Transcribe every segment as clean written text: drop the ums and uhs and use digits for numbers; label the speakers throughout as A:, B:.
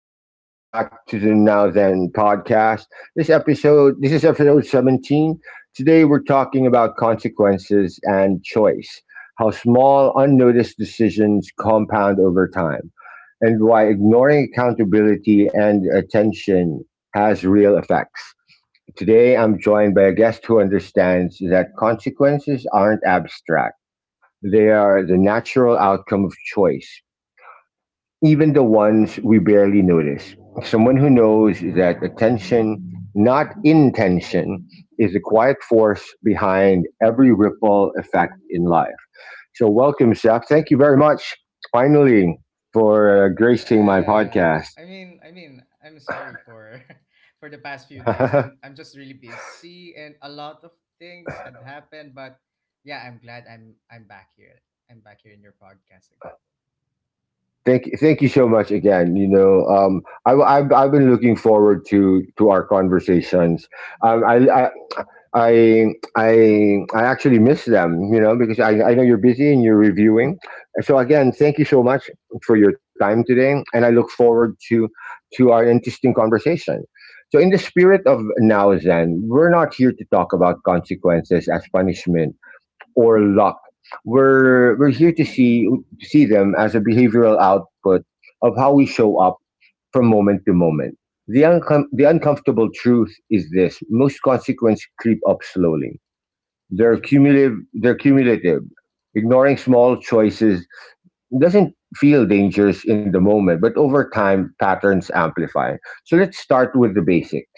A: Rex. Welcome back to the Now Then podcast. This episode, this is episode 17. Today we're talking about consequences and choice, how small, unnoticed decisions compound over time, and why ignoring accountability and attention has real effects. Today I'm joined by a guest who understands that consequences aren't abstract. They are the natural outcome of choice, even the ones we barely notice. Someone who knows that attention, not intention, is the quiet force behind every ripple effect in life. So, welcome, Seth. Thank you very much, finally, for gracing my
B: Yeah.
A: podcast.
B: I mean, I'm sorry for for the past few days. I'm I'm just really busy and a lot of things had happened, but yeah, I'm glad I'm back here. I'm back here in your podcast again.
A: Thank you so much again. I've been looking forward to our conversations. Um, I, I I I actually miss them, you know, because I know you're busy and you're reviewing. So again, thank you so much for your time today, and I look forward to our interesting conversation. So, in the spirit of now, Zen, we're not here to talk about consequences as punishment or luck. We're here to see them as a behavioral output of how we show up from moment to moment. The,
B: Mhm.
A: uncom- the uncomfortable truth is this: most consequences creep up slowly. They're
B: True.
A: cumulative. They're cumulative. Ignoring small choices doesn't feel dangerous in the moment, but over time, patterns amplify. So let's start with the basics,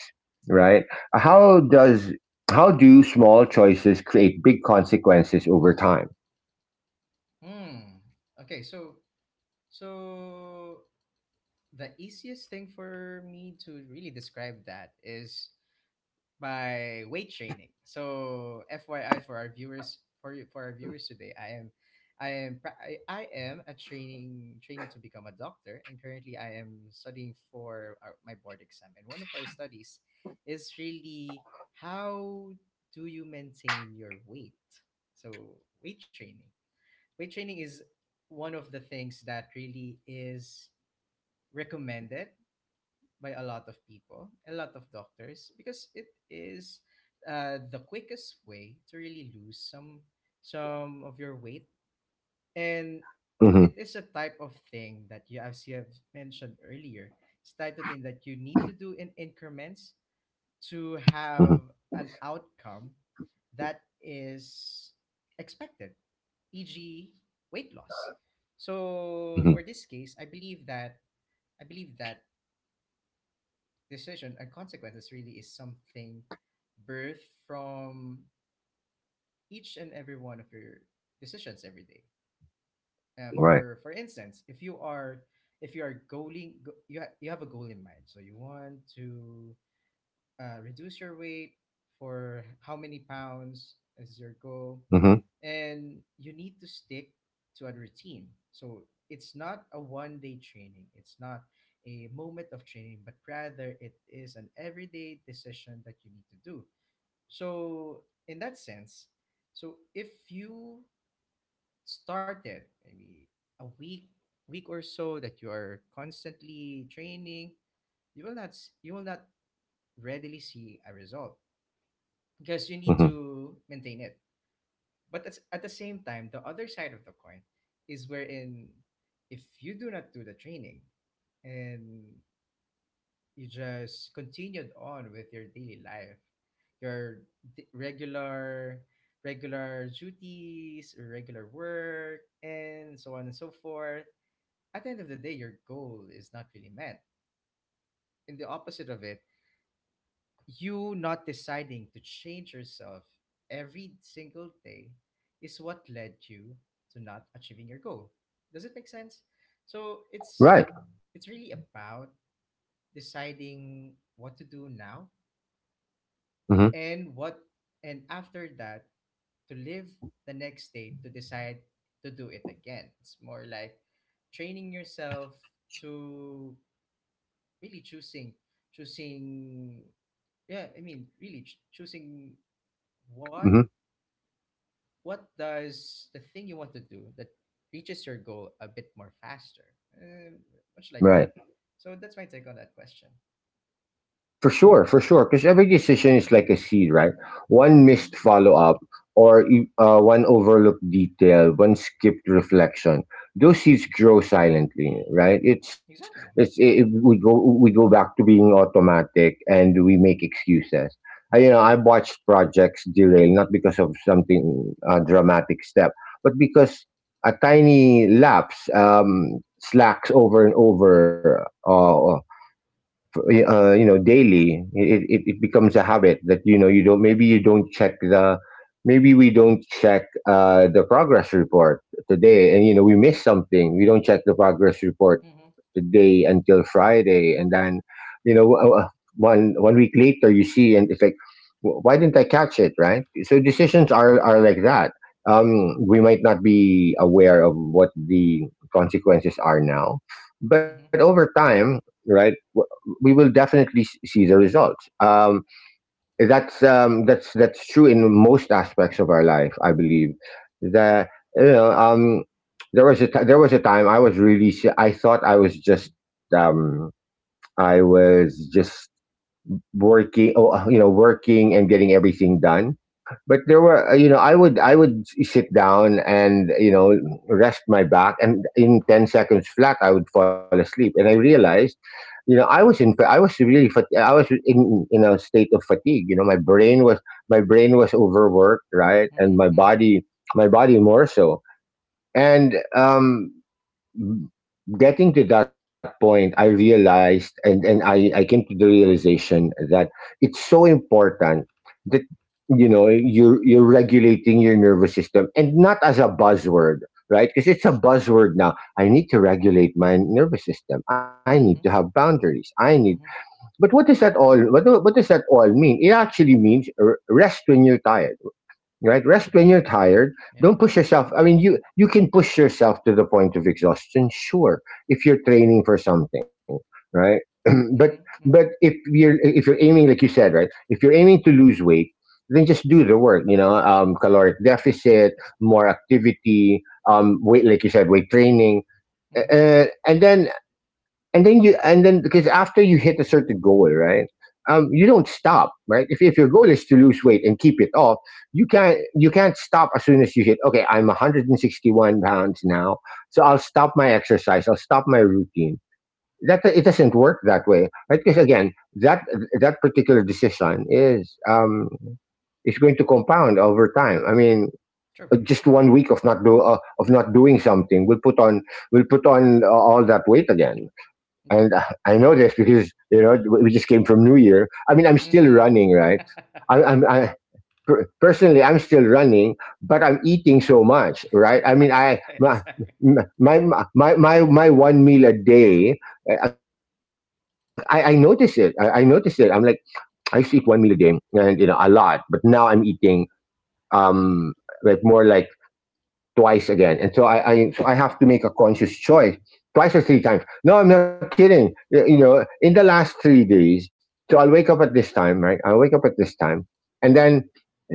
A: right? How does how do small choices create big consequences over time?
B: Hmm. Okay, so the easiest thing for me to really describe that is by weight training. So FYI, for our viewers, today, I am a training to become a doctor, and currently I am studying for my board exam, and one of our studies is really, how do you maintain your weight? So weight training. Weight training is one of the things that really is recommended by a lot of people, a lot of doctors, because it is the quickest way to really lose some of your weight, and
A: Mm-hmm.
B: it is a type of thing that you, as you have mentioned earlier, it's type of thing that you need to do in increments to
A: Mm-hmm.
B: have an outcome that is expected, e.g., weight loss. So
A: Mm-hmm.
B: for this case, I believe that decision and consequences really is something birthed from each and every one of your decisions every day. Uh,
A: Right.
B: for for instance, if you are goaling, go, you ha- you have a goal in mind, so you want to reduce your weight for how many pounds is your goal,
A: Mm-hmm.
B: and you need to stick to a routine. So it's not a one day training, it's not a moment of training, but rather it is an everyday decision that you need to do. So in that sense, so if you started maybe a week or so that you are constantly training, you will not readily see a result, because you need
A: Mm-hmm.
B: to maintain it. But at the same time, the other side of the coin is wherein, if you do not do the training, and you just continued on with your daily life, your d- regular regular duties, your regular work, and so on and so forth, at the end of the day, your goal is not really met. And the opposite of it, you not deciding to change yourself every single day, is what led you to not achieving your goal. Does it make sense? So it's
A: Right.
B: it's really about deciding what to do now,
A: Mm-hmm.
B: and what, and after that, to live the next day, to decide to do it again. It's more like training yourself to really choosing, yeah, I mean, really choosing. What
A: Mm-hmm.
B: what does the thing you want to do that reaches your goal a bit more faster? Uh, Much
A: Right.
B: like that. So that's my take on that question.
A: For sure, for sure. Because every decision is like a seed, right? One missed follow up or one overlooked detail, one skipped reflection. Those seeds grow silently, right? It's it's
B: Exactly.
A: it, it-
B: Yeah.
A: we go back to being automatic and we make excuses. I, you know, I've watched projects derail not because of something dramatic step, but because a tiny lapse slacks over and over. You know, daily it becomes a habit that, you know, you don't, maybe you don't check the, maybe we don't check the progress report today, and, you know, we miss something. We don't check the progress report
B: Mhm.
A: today until Friday, and then, you know, one week later, you see, and it's like, "Why didn't I catch it?" Right? So decisions are like that. We might not be aware of what the consequences are now, but
B: Mhm.
A: over time, right, we will definitely see the results. That's that's true in most aspects of our life. I believe that, you know, there was a there was a time I was really I thought I was just working. Oh, you know, working and getting everything done, but there were, you know, I would sit down and, you know, rest my back, and in 10 seconds flat I would fall asleep. And I realized, you know, I was really I was in a state of fatigue. You know, my brain was overworked, right? And
B: Mhm. Mhm.
A: my body more so. And getting to that point, I realized, and I came to the realization that it's so important that, you know, you're regulating your nervous system, and not as a buzzword, right? Because it's a buzzword now. "I need to regulate my nervous system. I need to
B: Mhm.
A: have boundaries. I need,"
B: Mhm.
A: but what does that all, what does that all mean? It actually means rest when you're tired, right? Rest when you're tired. Don't
B: Yeah.
A: push yourself. I mean, you can push yourself to the point of exhaustion, sure, if you're training for something, right? But
B: Mhm.
A: but
B: Mhm.
A: if you're if you're aiming, like you said, right, if you're aiming to lose weight, then just do the work. You know, caloric deficit, more activity, weight, like you said, weight training,
B: Mhm.
A: uh, and then and then you and then, because after you hit a certain goal, right? You don't stop, right? If your goal is to lose weight and keep it off, you can't stop as soon as you hit. Okay, I'm 161 pounds now, so I'll stop my exercise. I'll stop my routine. That, it doesn't work that way, right? Because again, that that particular decision is going to compound over time. I mean,
B: True.
A: uh, just
B: Yeah.
A: one week of not do uh, of not doing something will put on, will put on all that weight again. And
B: Exactly.
A: I know this because, you know, we just came from New Year. I mean, I'm still
B: Mhm.
A: running, right? I, I'm
B: Yeah.
A: I, per- Personally, I'm still running, but I'm eating so much, right? I mean, I
B: Okay,
A: my
B: exactly.
A: my my my, my one meal a day. I notice it. I notice it. I'm like, I used to eat one meal a day, and, you know, a lot, but now I'm eating um like, more like twice again. And so I so I have to make a conscious choice twice or three times. No, I'm not kidding. You know, in the last 3 days, so I'll wake up at this time, right? I'll wake up at this time. And then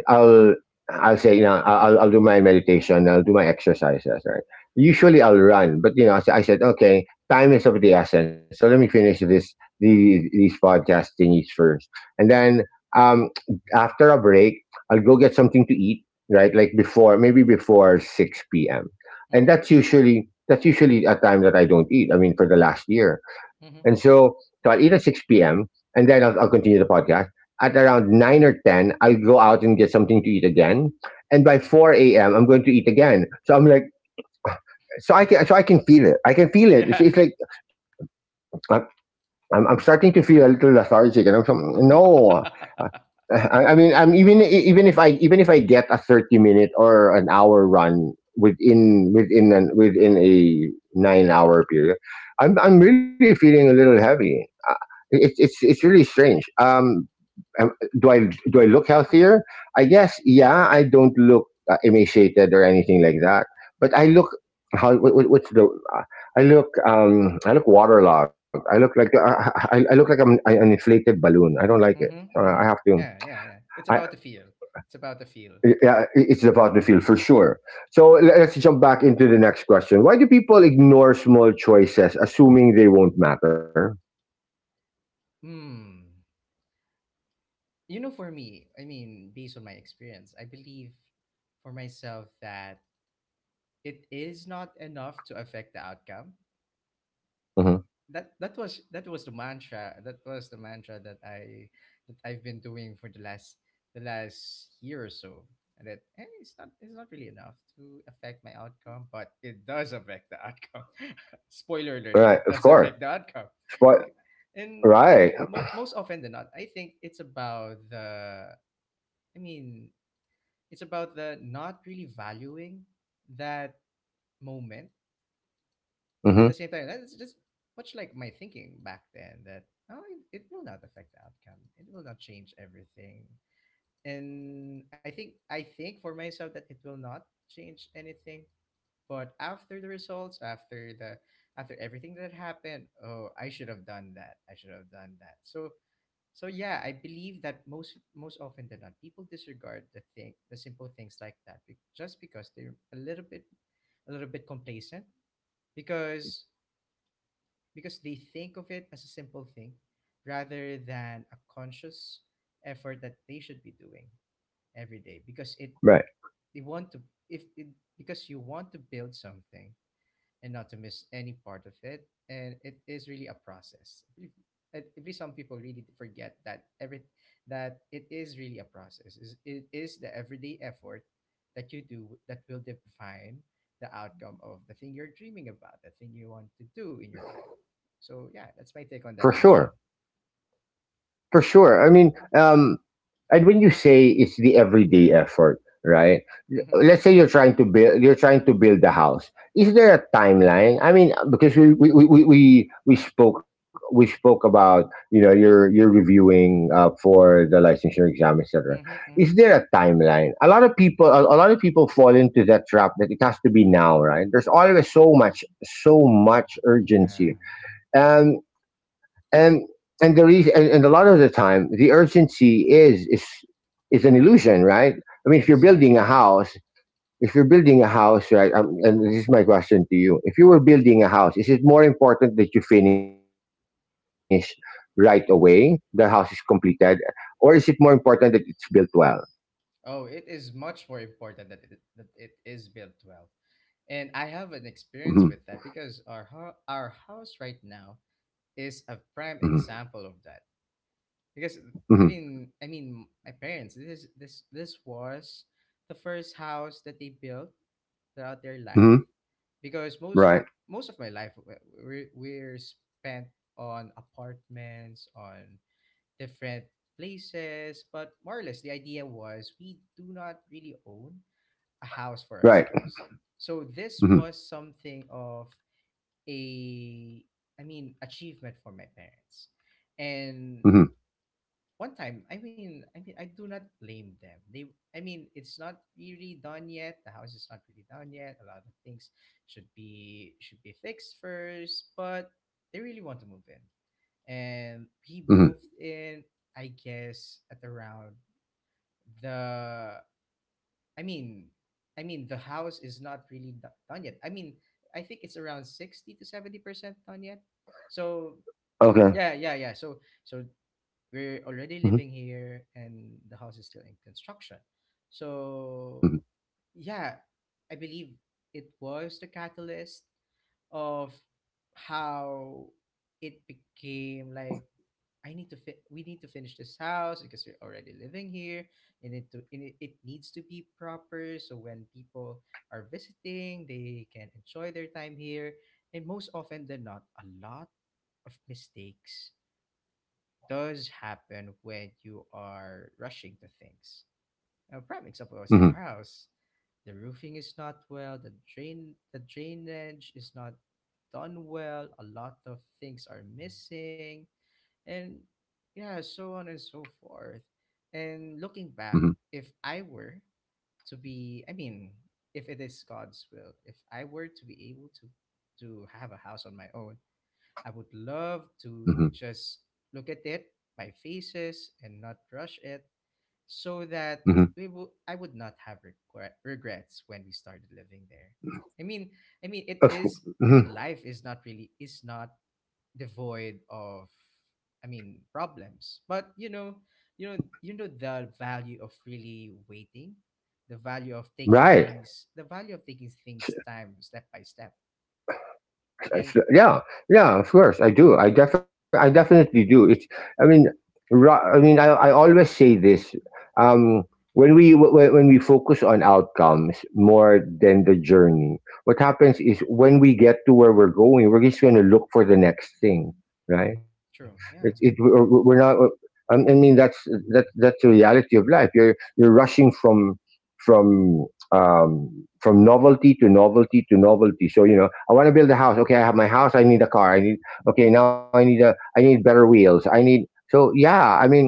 A: I'll I'll say, you know, I'll do my meditation. I'll do my exercises. Right. Usually I'll run, but, you know, I said okay, time is of the essence. So let me finish this these podcast thingies first, and
B: Mhm.
A: then um after a break, I'll go get something to eat. Right, like before, maybe before six p.m. And
B: Mhm.
A: that's usually, a time that I don't eat, I mean, for the last year. and
B: Mhm.
A: so so I'll eat at six p.m., and then I'll continue the podcast. At around 9 or 10, I'll go out and get something to eat again. And by 4 a.m., I'm going to eat again. So I'm like, so I can feel it. I can feel it.
B: Yeah.
A: It's like, I'm, I'm starting to feel a little lethargic. And I'm so, no. I mean, I'm, even if even if I get a 30 minute or an hour run within a 9 hour period, I'm really feeling a little heavy. It's, it's really strange. Um, do I do I look healthier? I guess, yeah. I don't look emaciated or anything like that, but I look, how, what's the I look, I look waterlogged. I look like, I look like an inflated balloon. I don't like it.
B: Mhm.
A: So, I
B: Mhm.
A: have to.
B: Yeah. Yeah. Yeah. It's
A: I,
B: about the feel. It's about the feel.
A: yeah, it's about the field for sure. So let's jump back into the next question. Why do people ignore small choices, assuming they won't matter?
B: Hmm. For me, I mean, based on my experience, I believe for myself that it is not enough to affect the outcome.
A: Mhm.
B: That was the mantra. That was the mantra that I've been doing for the last year or so. And that it's not really enough to affect my outcome, but it does affect the outcome. Spoiler alert: it does
A: Right, of
B: affect the
A: course.
B: outcome.
A: Spo-
B: Bec- And
A: right.
B: and mo- most often than not, I think it's about the I mean, it's about the not really valuing that moment. At the same
A: Hmm.
B: time, that's just much like my thinking back then, that oh, it will not affect the outcome. It will not change everything. And I think for myself that it will not change anything. But after the results, after the after everything that happened, oh, I should have done that. I should have done that. So so yeah, I believe that most often than not, people disregard the thing, the simple things like that, just because they're a little bit complacent, because because they think of it as a simple thing, rather than a conscious effort that they should be doing every day. Because it,
A: Right.
B: they want to, if it, because you want to build something, and not to miss any part of it. And it is really a process. I believe some people really forget that it is really a process. Is It is the everyday effort that you do that will define the outcome of the thing you're dreaming about, the thing you want to do in your life. So yeah, that's my
A: For
B: take on that
A: sure.
B: question.
A: For sure. I mean, and when you say it's the everyday effort, right?
B: Mm-hmm,
A: Let's say you're trying to build, you're trying to build a house. Is there a timeline? I mean, because we spoke about, you know, you're reviewing for the licensure exam, etc.
B: mm-hmm,
A: Is
B: mm-hmm.
A: there a timeline? A lot of people, a lot of people fall into that trap that it has to be now, right? There's always so much, so much
B: Yeah,
A: urgency.
B: exactly,
A: Um, and and the reason, and a lot of the time the urgency is an illusion, right? I mean, if you're building a
B: exactly.
A: house, if you're building a house right? And this is my question to you: if you were building a house, is it more important that you finish right away, the house is completed, or is it more important that it's built well?
B: Oh, it is much more important that it is built well. And I have an
A: Hmm.
B: experience with that, because our house right now is a prime
A: Hmm.
B: example of that. Because
A: Hmm.
B: I mean, my parents. This is this this was the first house that they built throughout their
A: Hmm.
B: life. Because most
A: Right.
B: most of my life we're spent on apartments, on different places, but more or less the idea was we do not really own a house for
A: Right.
B: ourselves. So this
A: Hmm.
B: was something of a I mean achievement for my parents. And
A: Hmm.
B: one time, I mean, I do not blame them. They I mean, it's not really done yet. The house is not really done yet. A lot of things should be fixed first, but they really want to move in, and we
A: Hmm.
B: moved in, I guess, at around the i mean the house is not really done yet. I mean, I think it's around 60 to 70% done yet. So
A: Okay.
B: yeah, yeah, yeah. So we're
A: Hmm.
B: already living here and the house is still in construction.
A: Hmm.
B: So yeah, I believe it was the catalyst of how it became like, I need to fit, we need to finish this house because we're already living here, and it needs to be proper, so when people are visiting they can enjoy their time here. And most often than not, a lot of mistakes does happen when you are rushing to things. A prime example is a
A: Hmm.
B: house. The roofing is not well, the drainage is not done well, a lot of things are missing, and yeah, so on and so forth. And looking
A: Hmm.
B: back, if I were to be, I mean, if it is God's will, if I were to be able to have a house on my own, I would love to just look at it by faces and not rush it, so
A: Hmm.
B: that we will, I would not have regrets when we started living there. I mean, I mean it is I
A: Hmm.
B: mean life is not really, is not devoid of, I mean, problems. But you know, you know the value of really waiting,
A: Right.
B: the value of taking things time step by step. And
A: Yeah, yeah, of course I do. I I definitely do. It's, I mean, I mean, I always say this. Um, when we when we focus on outcomes more than the journey, what happens is when we get to where we're going, we're just going to look for the next thing, right? It's
B: true,
A: it
B: yeah.
A: We're not. I mean, that's, that's the reality of life. You're rushing from from from novelty to novelty to novelty. So, you know, I want to build a house. Okay, I have my house. I need a car. I need okay, now I need a, I need better wheels. I need, so yeah. I mean,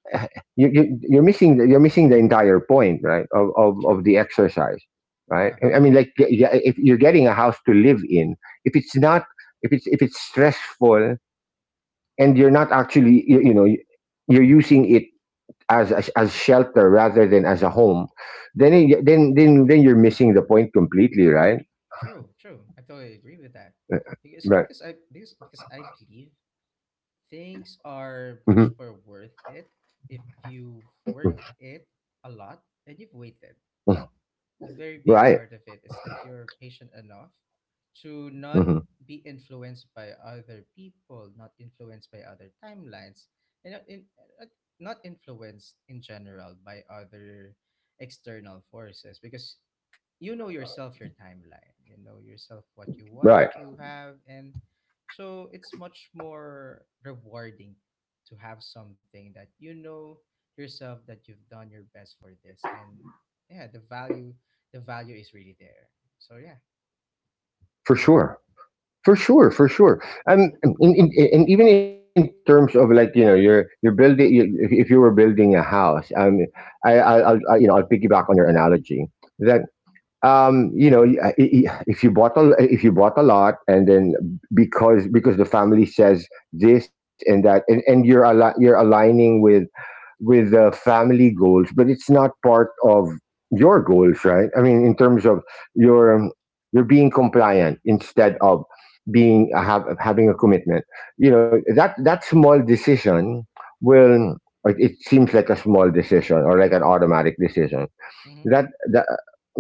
A: you're missing, you're missing the entire point, right? Of of
B: True.
A: the exercise, right?
B: Yeah.
A: I mean, like, yeah, if you're getting a house to live in, if it's not, if it's stressful and you're not actually you're using it as shelter rather than as a home, then it, then you're missing the point completely, right?
B: True, true. I totally agree with that.
A: Uh, uh,
B: Because
A: Right.
B: because I because because I believe things are
A: Hmm.
B: much more worth it if you've worked it a lot, and you've waited. The very big part of
A: Right.
B: it is that you're patient enough to not
A: Hmm.
B: be influenced by other people, not influenced by other timelines, and not, uh, not influenced in general by other external forces, because you know yourself, your timeline, you know yourself what you want to have.
A: Right.
B: And so it's much more rewarding to have something that you know yourself that you've done your best for this, and yeah, the value, the value is really there. So yeah.
A: For sure. For sure. For sure. And even in terms of like you know you're building you, if you were building a house, I I'll I, you know I'll piggyback on your analogy that you know if you bought a lot, and then because the family says this and that, and you're you're aligning with the family goals, but it's not part of your goals, right? I mean, in terms of your, you're being compliant instead of having a commitment. You know, that small decision will, it seems like a small decision or like an automatic decision,
B: Mhm.
A: that that,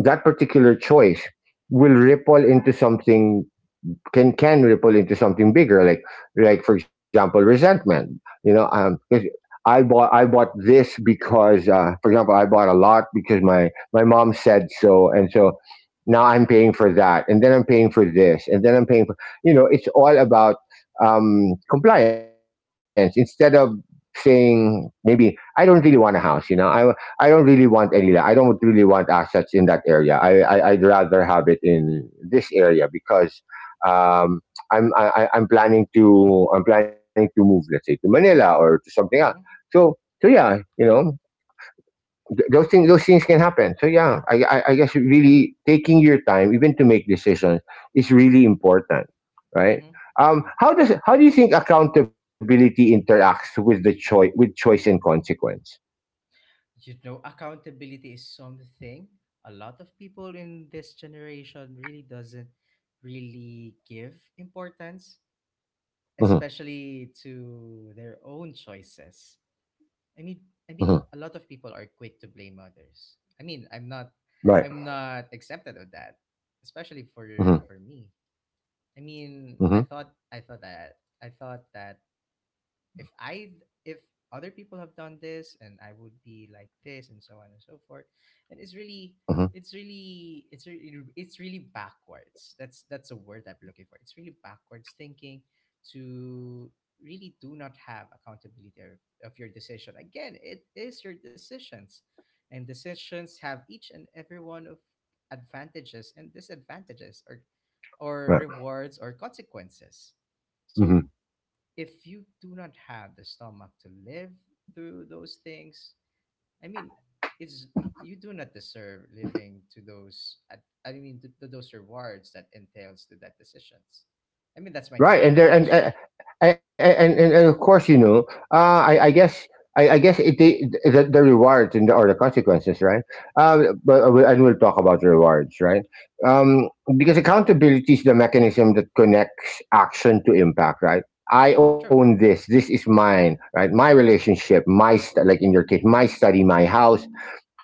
A: that particular choice will ripple into something, can ripple into something bigger, like for example, resentment, you know. 'Cause I bought this because, for example, I bought a lot because my mom said so and so. Now I'm paying for that, and then I'm paying for this, and then I'm paying for, you know, it's all about compliance instead of saying, maybe I don't really want a house, you know. I don't really want any, I don't really want assets in that area. I I'd rather have it in this area because um, I'm I- am planning to, I'm planning to move, let's say, to Manila or to something else.
B: Mhm.
A: So so yeah, you know, those things can happen. So yeah, I guess really taking your time, even to make decisions, is really important, right?
B: Mhm. Yeah.
A: How does how do you think accountability interacts with the choice with choice and consequence?
B: You know, accountability is something a lot of people in this generation really doesn't really give importance,
A: Hmm.
B: especially to their own choices. I mean, I
A: Hmm.
B: mean, a lot of people are quick to blame others. I mean, I'm not,
A: Right.
B: I'm not accepted of that, especially
A: Hmm.
B: for me. I mean, I
A: Hmm.
B: thought, I thought that, I thought that if I if other people have done this, and I would be like this, and so on and so forth, and it's really
A: Hmm.
B: it's really it's really it's really backwards. That's a word I'm looking for. It's really backwards thinking to really do not have accountability of your decision. Again, it is your decisions, and decisions have each and every one of advantages and disadvantages, or
A: Right.
B: rewards or consequences. So
A: Mm-hmm.
B: if you do not have the stomach to live through those things, I mean, it's you do not deserve living to those. I mean, to those rewards that entails to that decisions. I mean, that's my take on
A: Right,
B: that
A: and there
B: question.
A: and of course, you know, uh, I I guess. I guess it, the rewards and the, or the consequences, right? And we'll talk about the rewards, right? Um, because accountability is the mechanism that connects action to impact, right? I own
B: True.
A: this. This is mine, right? My relationship, my like in your case, my study, my house,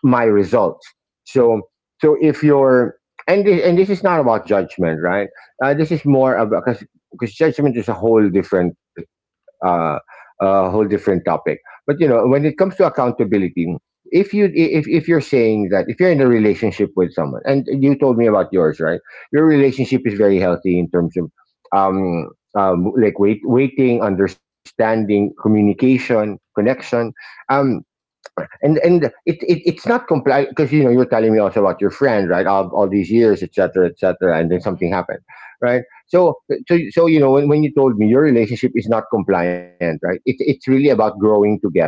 A: my results. So, so if you're, and this is not about judgment, right? This is more about, because judgment is uh, a whole different topic. But you know, when it comes to accountability, if you, if you're saying that, if you're in a relationship with someone, and you told me about yours, right? Your relationship is very healthy in terms of um, waiting, understanding, communication,
B: Mm-hmm.
A: connection.
B: Yeah.
A: Um, and it, it it's not complete, because you know you were telling me also about your friend, right, all these years, etc., etc., and then something
B: Mm-hmm.
A: happened, right? So you know, when you told me your relationship is not compliant, right, it, it's really about growing together.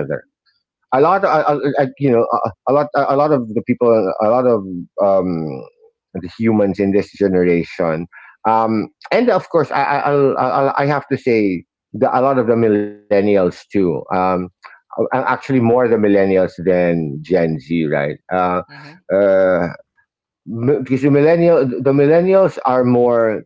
A: A lot,
B: Exactly.
A: a, you know, a lot of the people, a lot of um, the humans in this generation, and of course, I have to say, a lot of the millennials too. Actually, more the millennials than Gen Z, right?
B: Mm-hmm.
A: Uh, because the millennials are more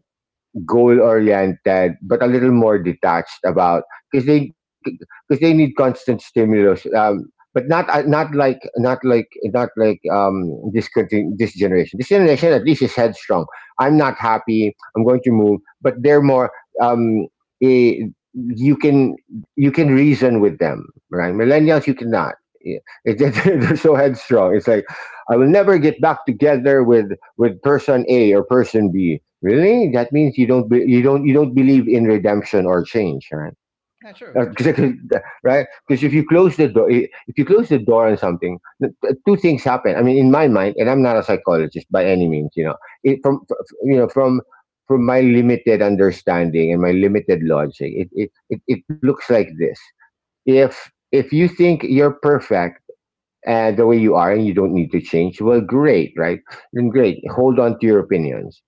A: goal oriented but a little more detached, about, because they, because they need constant stimulus, but not, not like this this generation, at least is headstrong. I'm not happy, I'm going to move. But they're more, um eh, you can, you can reason with them, right? Millennials you cannot. Yeah. It's, they're so headstrong, it's like, I will never get back together with person a or person b. Really?
B: Mm-hmm.
A: That means you don't be, you don't, you don't believe in redemption or change, right?
B: Yeah.
A: Uh,
B: True.
A: 'cause I
B: True.
A: could- right? Because if you close the door, if you close the door on something, two things happen. I mean, in my mind, and I'm not a psychologist by any means. You know, it, from f- you know from my limited understanding and my limited logic, it looks like this. If you think you're perfect and the way you are, and you don't need to change, well, great, right? Then great, hold on to your opinions.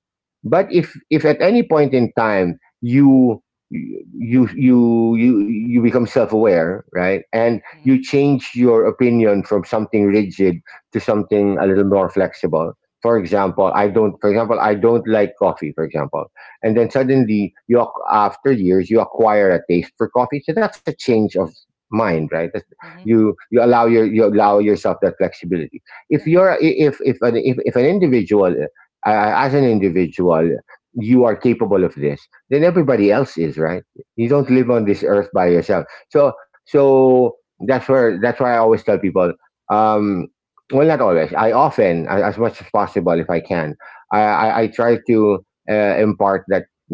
A: But if at any point in time you you become self-aware, right, and you
B: Mm-hmm.
A: change your opinion from something rigid to something a little more flexible. For example, I don't, for example, I don't like coffee, for example, and
B: Mm-hmm.
A: then suddenly you after years you acquire a taste for coffee. So that's a change of mind, right?
B: Mm-hmm.
A: You allow your, you allow yourself that flexibility. If
B: Yeah.
A: you're, if an individual, as an individual, you are capable of this, then everybody else is, right? You don't live on
B: Exactly.
A: this earth by yourself. So that's where, that's why I always tell people, um well, not always, I often, as much as possible, if I can, I try to impart,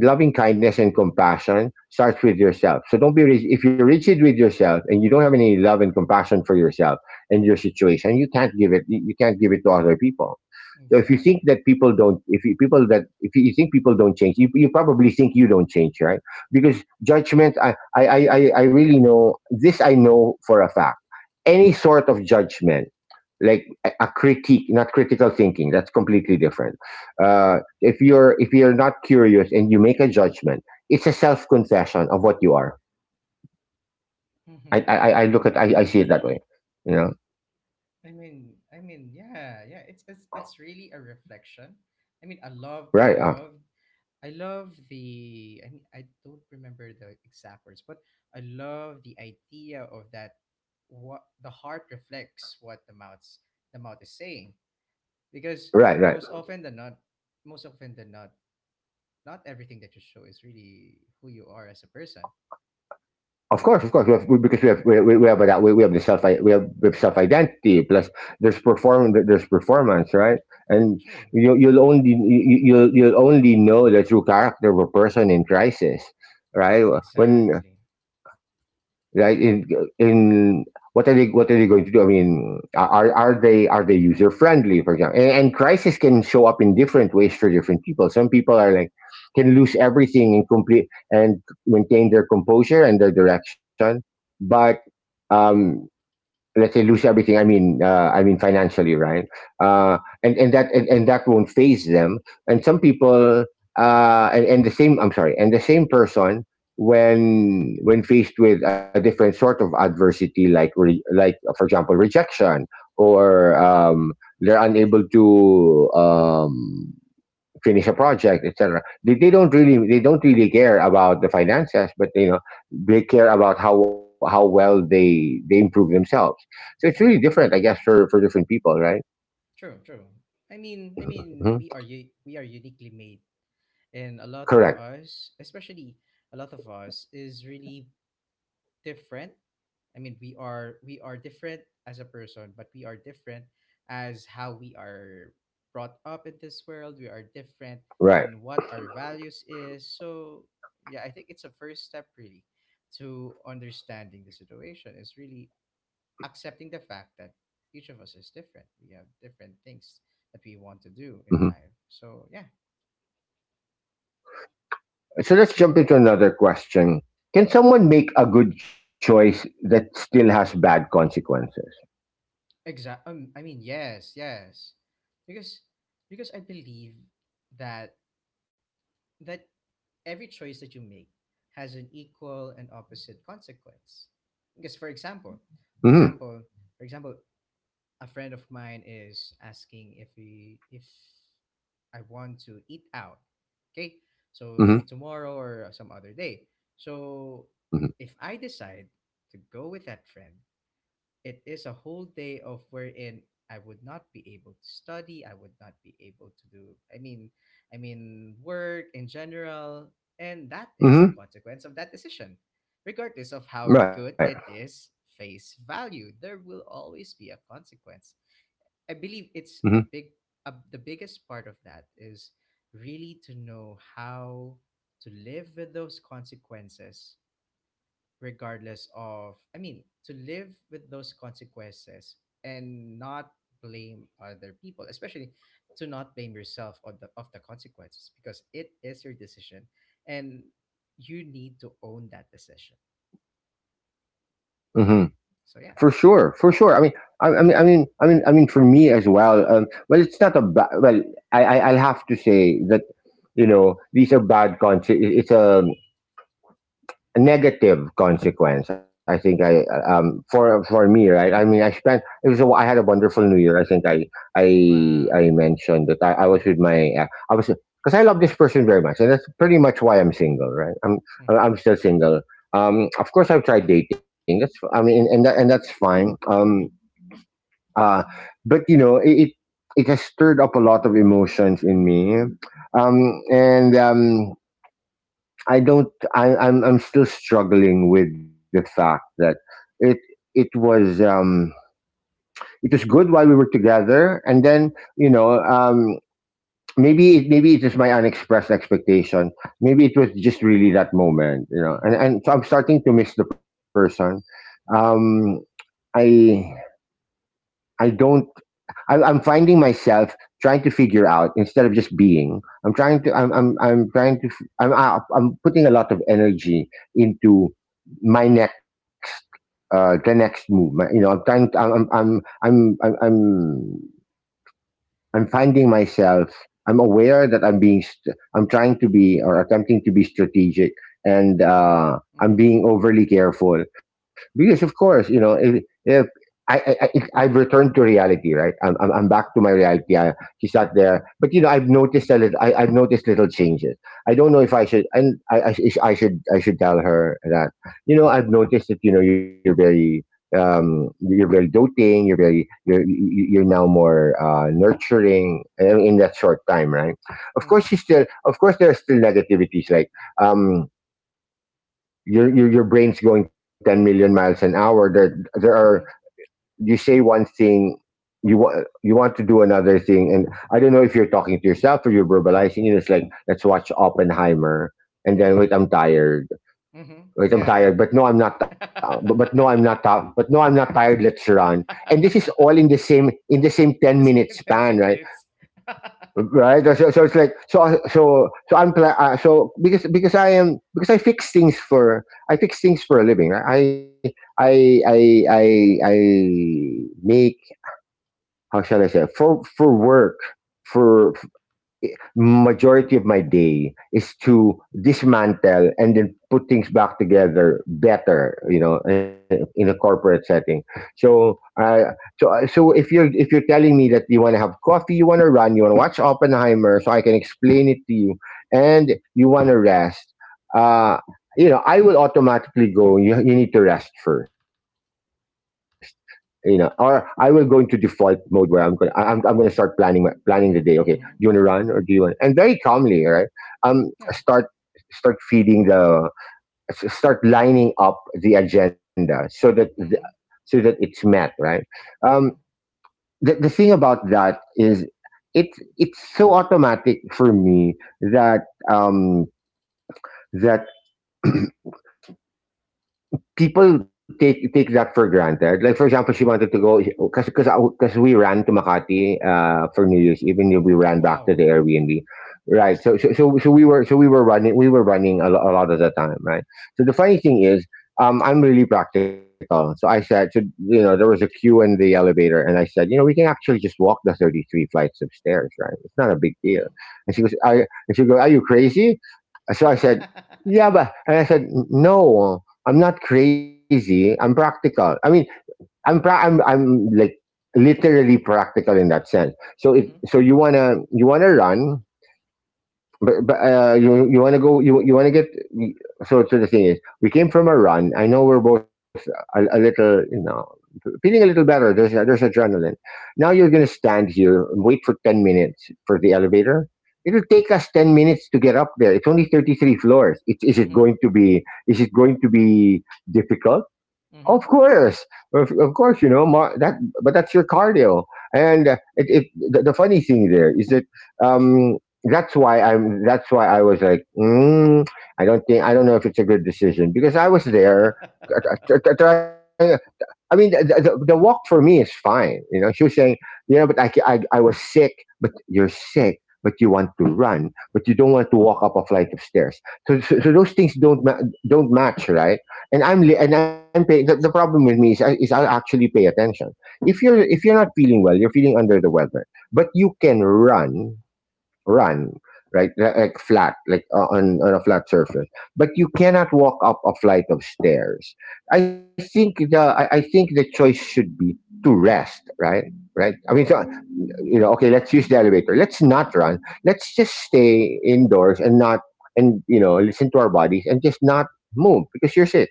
A: loving kindness and compassion starts with yourself. So don't be rigid. If you're rigid with yourself and you don't have any love and compassion for yourself and your situation, you can't give it. You can't give it to other people. So if you think
B: Exactly.
A: that people don't, if you think people don't change, you probably think you don't change, right? Because judgment, I really know this. I know for a fact. Any sort of judgment, like a critique, not critical thinking, that's completely different. If you're not curious and you make a judgment, it's a self confession of what you are.
B: Mm-hmm.
A: I look at I see it that way. You know,
B: I mean, yeah, yeah. It's really a reflection. I mean,
A: right?
B: I love the. I mean, I don't remember the exact words, but I love the idea of that. What the heart reflects what the mouth is saying, because
A: Right? Right?
B: most often than not, most often than not, not everything that you show is really who you are as a person.
A: Of course, we have, we, because we have, we have that, we have the self we have self identity, plus there's perform there's performance, right? And
B: True.
A: you'll you'll only know the true character of a person in crisis, right? When,
B: Exactly.
A: right? In, what are they, what are they going to do? I mean, are they, are they user friendly, for example? And crisis can show up in different ways for different people. Some people are like, can lose everything and complete and maintain their composure and their direction, but um, let's say, lose everything, I mean, I mean financially, right?
B: Mm-hmm.
A: And that won't phase them. And some people, and the same, I'm sorry, and the same person, when faced with a different sort of adversity, like like, for example, rejection, or they're unable to finish a project, etc. They don't really, they don't really care about the finances, but you know, they care about how well they improve themselves. So it's really
B: Mm-hmm.
A: different, I guess, for different people, right?
B: True. True. I mean, I
A: Hmm.
B: mean, we are uniquely made, and a lot of
A: Correct,
B: us, especially a lot of us, is really different. I mean, we are different as a person, but we are different as how we are brought up in this world. We are different
A: right.
B: on what our values is, so yeah. I think it's a first step, really, to understanding the situation is really accepting the fact that each of us is different. We have different things that we want to do in
A: Hmm.
B: life, so yeah.
A: So let's jump into another question. Can someone make a good choice that still has bad consequences?
B: Exact. I mean, yes, yes, because because I believe that that every choice that you make has an equal and opposite consequence. Because,
A: Hmm.
B: for example, for example, a friend of mine is asking if I want to eat out. Okay, so maybe
A: Hmm.
B: tomorrow or some other day. So
A: Hmm.
B: if I decide to go with that friend, it is a whole day of wherein I would not be able to study, I would not be able to do, I mean work in general, and that is
A: Hmm.
B: the consequence of that decision. Regardless of how
A: Right.
B: good it is face value, there will always be a consequence. I believe
A: Hmm.
B: it's a big a, the biggest part of that is really to know how to live with those consequences, regardless of, I mean, to live with those consequences and not blame other people, especially to not blame yourself of the consequences, because it is your decision and you need to own that decision.
A: Hmm.
B: So,
A: For
B: yeah.
A: sure, for sure. I mean, I mean, I mean, I mean, for me as well. Well, it's not a bad. Well, I'll have to say that, you know, these are bad consequences. It's a negative consequence. I think I, for me, right? I mean, I spent. It was. A, I had a wonderful New Year. I think I, I
B: Wow.
A: mentioned that I was
B: Mm-hmm.
A: with my. I was, because I love this person very much, and that's pretty much why I'm single, right? I'm
B: Mm-hmm.
A: I'm still single. Of course, I've tried dating. That's, I mean, and that, and that's fine. Uh, but you know, it, it has stirred up a lot of emotions in me, and I don't. I'm still struggling with the fact that it, it was um, it was good while we were together, and then, you know. Maybe it, maybe it is my unexpressed expectation. Maybe it was just really that moment, you know. And so I'm
B: Mm-hmm.
A: starting to miss the person. Um, I I don't. I'm finding myself trying to figure out instead of just being. I'm trying to. I'm. I'm. I'm trying to. I'm. I'm putting a lot of energy into my next. The next move. I'm trying. I'm finding myself. I'm aware that I'm trying to be or attempting to be strategic, and
B: Mm-hmm.
A: I'm
B: Mm-hmm.
A: being overly careful because, of course, you know, if I've returned to reality, right? I'm back to my reality. She's not there, but you know, I've noticed little changes. I don't know if I should, and I should tell her that, you know, you're very doting, you're very you're you- you're now more nurturing in that short time, right? Of
B: Mm-hmm.
A: course, of course, there are still negativities like um, your brain's going 10 million miles an hour. There are
B: Mm-hmm. Mm-hmm.
A: you say one thing. You want to do another thing, and I don't know if you're talking to yourself or you're verbalizing. You know, it's like, let's watch Oppenheimer, and then,
B: Mm-hmm.
A: wait, I'm tired.
B: Mm-hmm.
A: Like, I'm
B: Yeah,
A: tired, but no, I'm not. Ti-
B: yeah.
A: But no, I'm not. Ti- But no, I'm not tired. Let's run. And this is all in the same ten
B: It's
A: minute span,
B: 10
A: right?
B: minutes. Mm-hmm,
A: Right. So it's like, so because I am because I fix things for a living. Right? I make How shall I say, for work, for majority of my day is to dismantle and then put things back together better, you know, in a corporate setting. So so if you're telling me that you want to have coffee, you want to run, you want to watch Oppenheimer so I can explain it to you, and you want to rest, uh you know, I will automatically go, you need to rest first. You know, or I will go into default mode where I'm going to start planning the day. Okay, do you want to
B: mm-hmm.
A: run or do you want... and very calmly, right? um
B: Yeah.
A: start start feeding the Start lining up the agenda so that
B: Mm-hmm.
A: so that it's met, right? um
B: Mm-hmm.
A: the thing about that is it's so automatic for me that um that people take that for granted. Like, for example, she wanted to go because we ran to Makati for New Year's, even if we
B: Oh
A: ran back to the
B: wow.
A: Airbnb, right? So so so, so we were running a lot of the time, right? So the
B: Yeah.
A: funny thing is. I'm really practical, so I said, so, you know, there was a queue in the elevator, and I said, you know, we can actually just walk the 33 flights of stairs, right? It's not a big deal.
B: Mm-hmm.
A: And she
B: Yeah.
A: goes, are you crazy? So I said, yeah, but, and I said, no, I'm not crazy. I'm practical. I mean, I'm, pra- I'm like, literally practical in that sense. So if,
B: Mm-hmm.
A: so you wanna run, but you want to go, you want to get... the thing is, we came from a run. I know we're both a little, you know, feeling a little better. There's adrenaline. Now you're gonna
B: Okay.
A: stand here and wait for 10 minutes for the elevator. It'll take us 10 minutes to get up there. It's only 33 floors. It, is it
B: Mm-hmm.
A: going to be Is it going to be difficult? Of
B: Mm-hmm.
A: course. You know more, that. But that's your cardio, and it, it the funny thing there is that. Um, That's why I was like, mm, I don't know if it's a good decision because I was there, trying. I mean, the walk for me is fine. You know, she was saying, you know, but I, ca- I was sick, but you're sick, but you want to run, but you don't want to walk up a flight of stairs. So those things don't match, right?
B: Mm-hmm.
A: And I'm paying. The problem with me is, is I'll actually pay attention. If you're not feeling well, you're feeling under the weather, but you can run run right, flat, like on a flat surface, but you cannot walk up a flight of stairs. I think the choice should be to rest, right? Right I mean, so, you know, okay, let's use the elevator, let's not run, let's just stay indoors and not... and, you know, listen to our bodies and just not move because you're sick.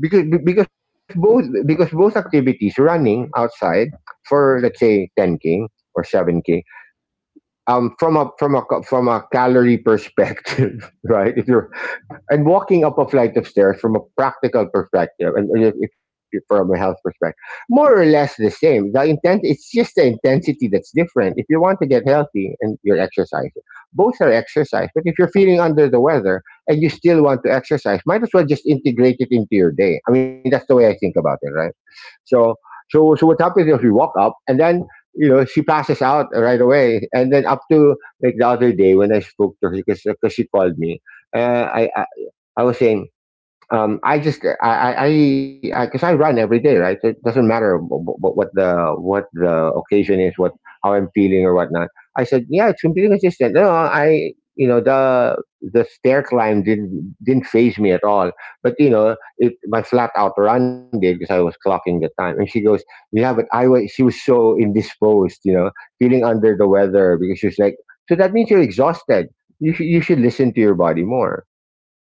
A: Because because both activities, running outside for, let's say, 10k or 7k, um, from a from a from a calorie perspective, right? If you're And walking up a flight of stairs from a practical perspective, and if you, from a health perspective, more or less the same, the intent. It's just the intensity that's different. If you want to get healthy and you're exercising, both are exercise. But if you're feeling under the weather and you still want to exercise, might as well just integrate it into your day. I mean, that's the way I think about it, right? So so so what happens is, we walk up, and then, you know, she passes out right away. And then, up to, like, the other day when I spoke to her because she called me, uh, I, I I was saying, I just I because 'cause I run every day, right? So it doesn't matter what the occasion is, what how I'm feeling or whatnot. I said, yeah, it's completely consistent. No, I you know, the stair climb didn't phase me at all, but you know, it my flat out run did because I was clocking the time. And she goes, yeah, but I was she was so indisposed, you know, feeling under the weather. Because she was like, so that means you're exhausted. You should listen to your body more.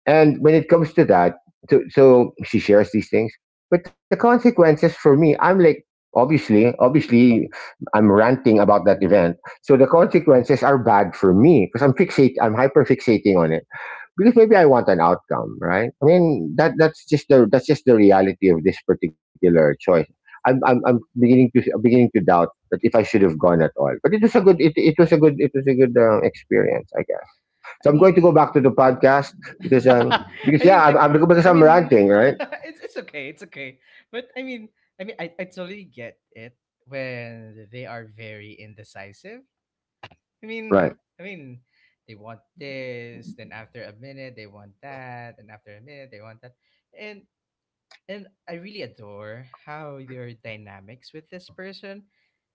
A: And when it comes to that, so she shares these things. But the consequences for me, I'm like, obviously, obviously, I'm ranting about that event. So the consequences are bad for me because I'm hyper fixating on it because maybe I want an outcome, right? I mean, that's just the reality of this particular choice. I'm beginning to doubt that if I should have gone at all. But it was a good it, it was a good it was a good, experience, I guess. So
B: I
A: I'm going to go back to the
B: mean
A: podcast because
B: I mean
A: yeah,
B: I I
A: I'm
B: mean
A: ranting, right?
B: it's okay, it's okay. But I mean, I mean I totally get it when they are very indecisive. I
A: Right.
B: mean I mean they want this, then after a minute they want that, and after a minute they want that. And And I really adore how your dynamics with this person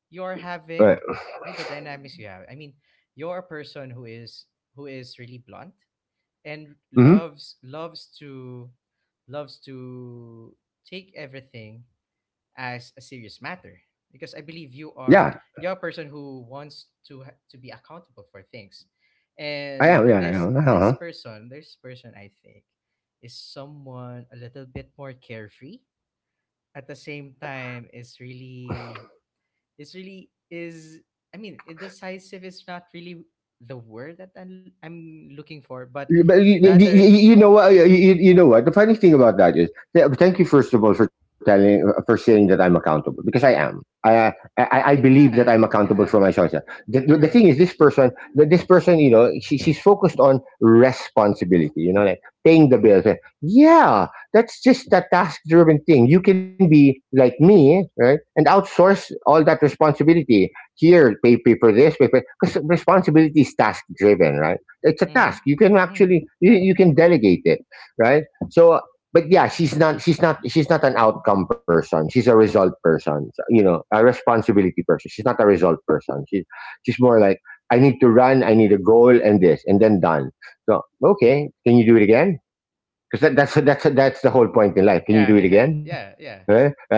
B: you're
A: Right.
B: having, right? The dynamics you have. I mean, you're a person who is really blunt, and
A: Mm-hmm.
B: loves to take everything as a serious matter, because I believe you
A: Yeah,
B: are you're a person who wants to be accountable for things.
A: I am,
B: And
A: yeah, I am. Uh-huh.
B: this person, I think, is someone a little bit more carefree. At the same time is really, it's really is, I mean, it, decisive is not really the word that I'm looking for, but
A: Yeah, but
B: rather.
A: you know what? You know what? The funny thing about that is, thank you first of all for for saying that I'm accountable, because I am. I
B: I mean,
A: believe that I'm
B: yeah,
A: accountable for
B: yeah.
A: my choices. The
B: True.
A: thing is, this person, you know, she's focused on responsibility. You know, like paying the bills. Eh, yeah, that's just a task-driven thing. You can be like me, right, and outsource all that responsibility. Here, pay for this, pay for... because responsibility is task-driven, right? It's a
B: Mm-hmm.
A: task, you can
B: Mm.
A: actually
B: Yeah,
A: you can delegate it, right? so uh, but yeah, she's not an outcome person, she's a result person. So, you know, a responsibility person, she's not a result person, she's... she's more like, I need to run, I need a goal and this, and then done. So, okay, can you do it again? Because that's the whole point in life, can you do it
B: yeah.
A: again?
B: Yeah, yeah,
A: Eh? Eh?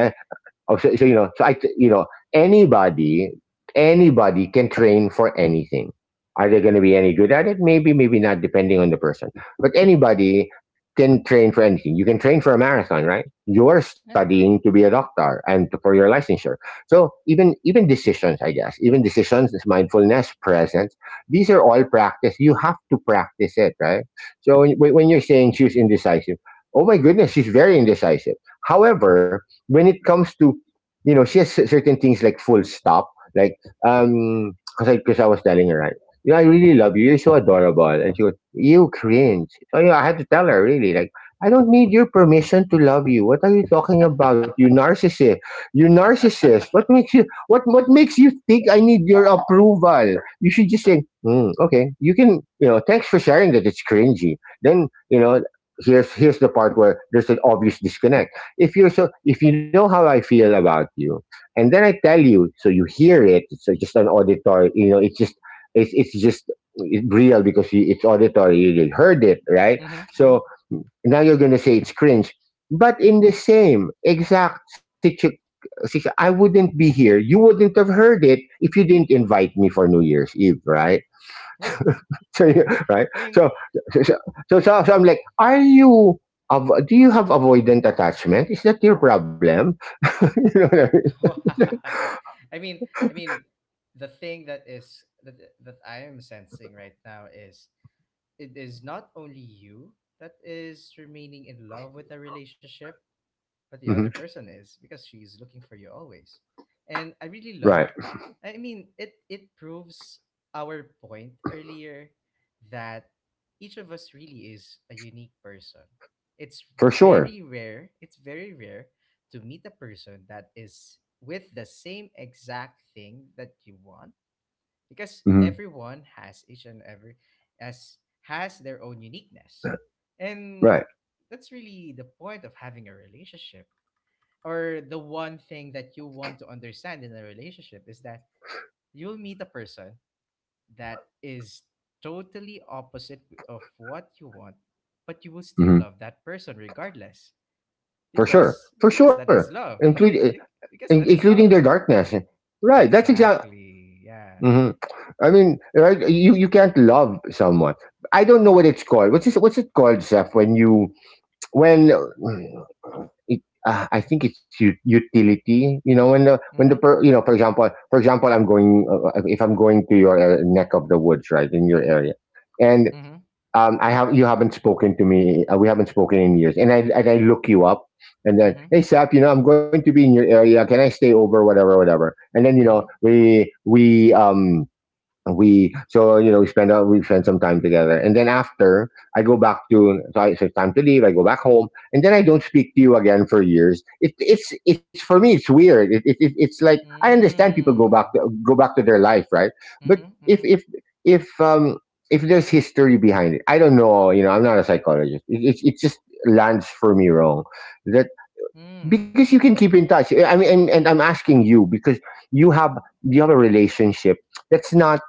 A: Oh, so you know, you know, anybody, anybody can train for anything. Are they going to be any good at it? Maybe, maybe not, depending on the person. But anybody can train for anything. You can train for a marathon, right? You're
B: yeah.
A: studying to be a doctor and for your licensure. So even decisions, I guess, even decisions, mindfulness, presence, these are all practice. You have to practice it, right? So when you're saying she's indecisive, oh my goodness, she's very indecisive. However, when it comes to she has certain things like full stop, like um, 'cause I was telling her, right, I really love you. You're so adorable, and she goes, you cringe. So yeah, I had to tell her really, like. I don't need your permission to love you. What are you talking about? You narcissist. You narcissist. What makes you think I need your approval? You should just say, "Hmm, okay, you can you know, thanks for sharing that it's cringy." Then, here's the part where there's an obvious disconnect. If you're so if you know how I feel about you, and then I tell you, so you hear it. So just an auditory, it's just it's it's just it real, because it's auditory. You heard it, right?
B: Mm-hmm. Mm.
A: So now you're gonna say it's cringe, but in the same exact situation. I wouldn't be here. You wouldn't have heard it if you didn't invite me for New Year's Eve, right?
B: Yeah,
A: So,
B: yeah.
A: right?
B: I mean
A: So, so, so, so, I'm like, are you? Do you have avoidant attachment? Is that your problem?
B: wow. i mean I mean the thing that is that I am sensing right now is it is not only you that is remaining in love with the relationship, but the other
A: Mhm.
B: person is, because she's looking for you always. And I really
A: Right.
B: love. I mean, it proves our point earlier that each of us really is a unique person. It's
A: For sure.
B: it's very rare to meet a person that is with the same exact thing that you want, because
A: Hmm.
B: everyone has each and every as has their own uniqueness, and
A: Right.
B: that's really the point of having a relationship, or the one thing that you want to understand in a relationship is that you'll meet a person that is totally opposite of what you want, but you will still
A: Hmm.
B: love that person regardless,
A: For sure.
B: because
A: For
B: because that
A: sure.
B: is love.
A: Including
B: Be- because that is
A: including their
B: love.
A: darkness. Right. That's exactly.
B: Exactly, yeah.
A: Hmm. I mean, right? You can't love someone. I don't know what it's called. What's it called, Seth? When you when it, I think it's utility. When the
B: Mhm.
A: per, you know, for example, I'm going if I'm going to your neck of the woods, right, in your area, and
B: Mhm.
A: I have you haven't spoken to me. We haven't spoken in years, and I look you up, and then,
B: Mhm.
A: hey, Sap, you know I'm going to be in your area. Can I stay over? Whatever, whatever. And then
B: Mhm.
A: we so we spend some time together, and then after I go back to so, I, so it's time to leave. I go back home, and then I don't speak to you again for years. It, it's For me, it's weird. It's like I understand, people
B: Mm.
A: go back to their life, right? But
B: Mm-hmm.
A: if
B: Mm-hmm.
A: if if um if there's history behind it, I don't know. I'm not a psychologist. It just lands for me wrong, that,
B: Mm.
A: because you can keep in touch. I mean, and I'm asking you because you have, a relationship that's not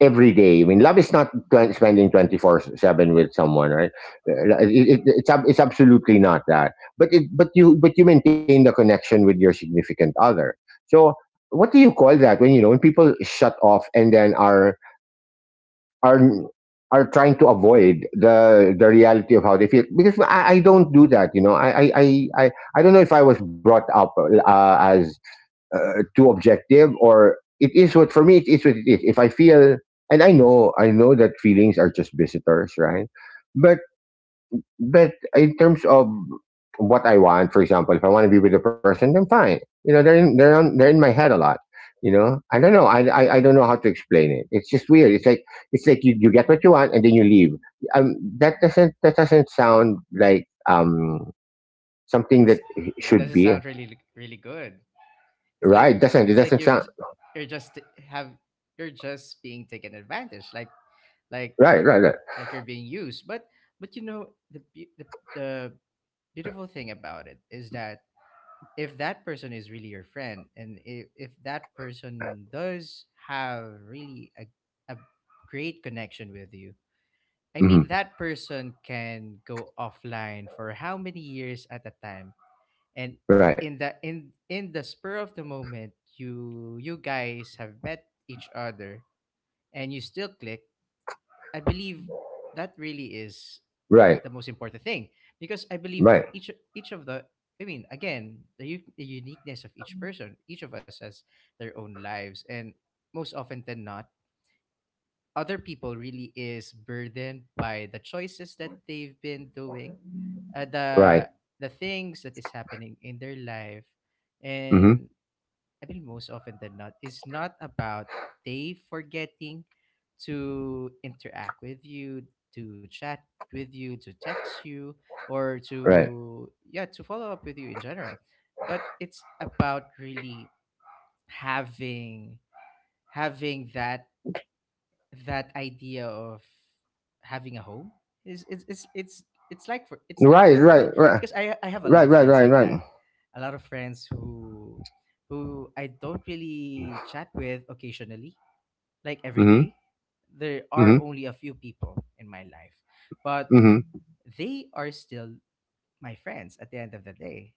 A: every day. I mean, love is not spending 24/7 with someone, right? It's absolutely not that. But you maintain the connection with your significant other. So what do you call that when when people shut off, and then are are trying to avoid the reality of how they feel, because I don't do that? You know, I don't know if I was brought up as too objective, or it is what for me, it is what it is. If I feel, and I know that feelings are just visitors, right. But in terms of what I want, for example, if I want to be with a person, then fine. They're in my head a lot. You know, I don't know. I don't know how to explain it. It's just weird. It's like you get what you want and then you leave. That doesn't sound like something that
B: It's, it, it
A: should
B: doesn't
A: be
B: sound really really good. It's
A: right.
B: like
A: Doesn't it?
B: it's
A: Doesn't
B: like
A: sound
B: you've j- you're just t- have you're just being taken advantage, like
A: right. Right, right,
B: like you're being used. But you know, the beautiful thing about it is that if that person is really your friend, and if that person does have really a great connection with you. I
A: Mm-hmm.
B: mean, that person can go offline for how many years at a time, and
A: Right.
B: in the spur of the moment, you guys have met each other, and you still click. I believe that really is
A: Right.
B: the most important thing, because I believe
A: Right.
B: each of the I mean, again, the uniqueness of each person. Each of us has their own lives, and most often than not, other people really is burdened by the choices that they've been doing, uh, the
A: Right.
B: the things that is happening in their life,
A: Mm-hmm.
B: and, I mean, most often than not, it's not about they forgetting to interact with you, to chat with you, to text you, or
A: Right.
B: to, yeah, to follow up with you in general, but it's about really having having that idea of having a home is it's like
A: Right.
B: that for
A: Right.
B: me,
A: Right.
B: because I have a lot
A: Right.
B: of
A: Right.
B: friends
A: Right.
B: like
A: Right.
B: that, a lot of friends who I don't really chat with occasionally, like every
A: Mm-hmm.
B: day. There are
A: Mm-hmm.
B: only a few people in my life, but
A: Mm-hmm.
B: they are still my friends at the end of the day.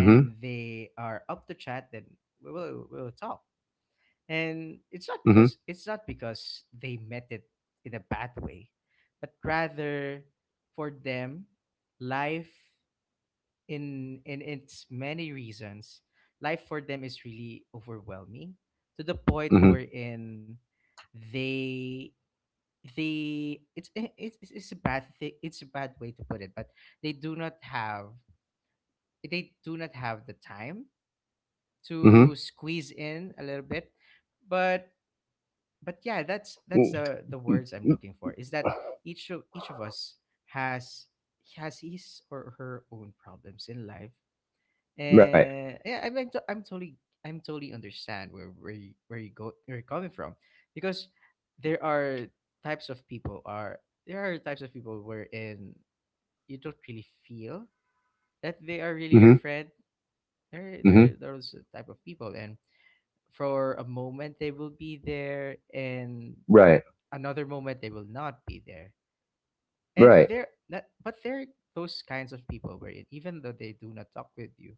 A: Mm-hmm.
B: they are up to chat, then we will talk, and it's not because they met it in a bad way, but rather, for them, life in its many reasons, life for them is really overwhelming, to the point
A: Mm-hmm.
B: wherein they they it's a bad thing, it's a bad way to put it, but they do not have they do not have the time
A: Mm-hmm.
B: to squeeze in a little bit. But but yeah, that's that's
A: Mm-hmm.
B: the the words I'm looking for, is that each of us has has his or her own problems in life.
A: Right.
B: And yeah, I'm totally understand where you're coming from, because there are types of people are there are types of people wherein you don't really feel that they are really your
A: Mm-hmm.
B: friend. There
A: Mm-hmm.
B: are those type of people, and for a moment they will be there, and
A: Right.
B: another moment they will not be there, and
A: Right.
B: they're not, but they're those kinds of people wherein even though they do not talk with you,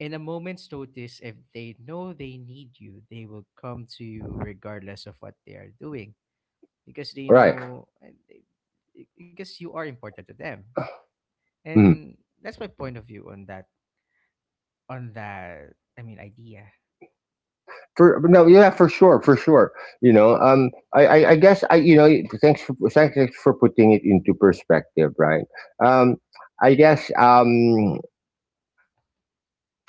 B: in a moment's notice, if they know they need you, they will come to you regardless of what they are doing, because they
A: Right.
B: know, because you are important to them,
A: Mm-hmm.
B: and that's my point of view on that, on that idea.
A: For no, yeah, for sure, for sure. You know, I guess thanks for, putting it into perspective, right? Um, I guess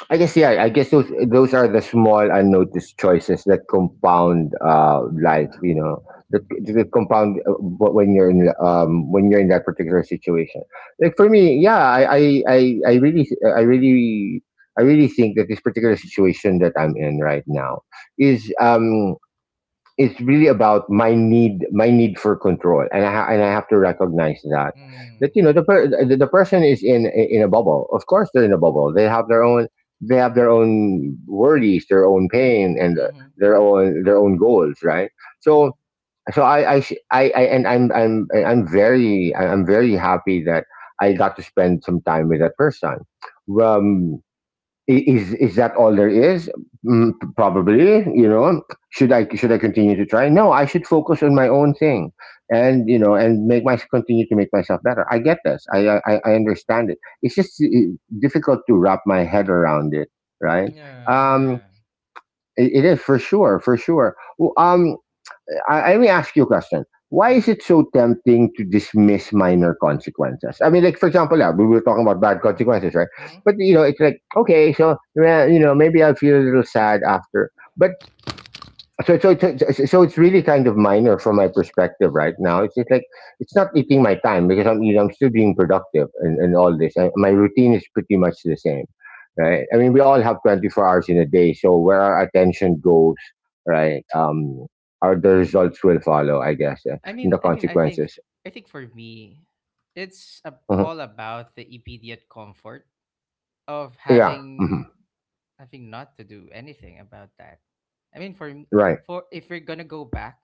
A: I guess, yeah. I guess those are the small unnoticed choices that compound life. You know, that, that compound when you're in that particular situation. Like, for me, yeah, I really I really I really think that this particular situation that I'm in right now is, it's really about my need, for control, and I have to recognize that that
B: Mm,
A: the person is in a bubble. Of course they're in a bubble. They have their own, worries, their own pain, and
B: mm-hmm,
A: their
B: mm-hmm,
A: own, goals, right?
B: mm-hmm.
A: so So I'm very happy that I got to spend some time with that person. Um I- Is is that all there is? Mm, probably. Should I continue to try? No, I should focus on my own thing, and you know, and make my continue to make myself better. I get this. I understand it. It's just difficult to wrap my head around it, right?
B: Yeah,
A: Um,
B: yeah.
A: it is, for sure, for sure. Well, let me ask you a question. Why is
B: Okay.
A: it so tempting to dismiss minor consequences? I mean, like, for example, yeah, we were talking about bad consequences, right? But
B: Mm-hmm.
A: it's like, okay. So yeah, maybe I'll feel a little sad after. But so, it's really kind of minor from my perspective right now. It's just like it's not eating my time, because I'm you know I'm still being productive, and all this. My routine is pretty much the same, right? I mean, we all have 24 hours in a day, so where our attention goes, right? Our The results will follow, I guess,
B: I
A: and
B: mean,
A: the
B: I mean, I think,
A: consequences.
B: I think for me, it's
A: Mhm.
B: all about the immediate comfort of
A: Yeah. Hmm.
B: having not to do anything about that. I mean,
A: Right.
B: for if we're gonna go back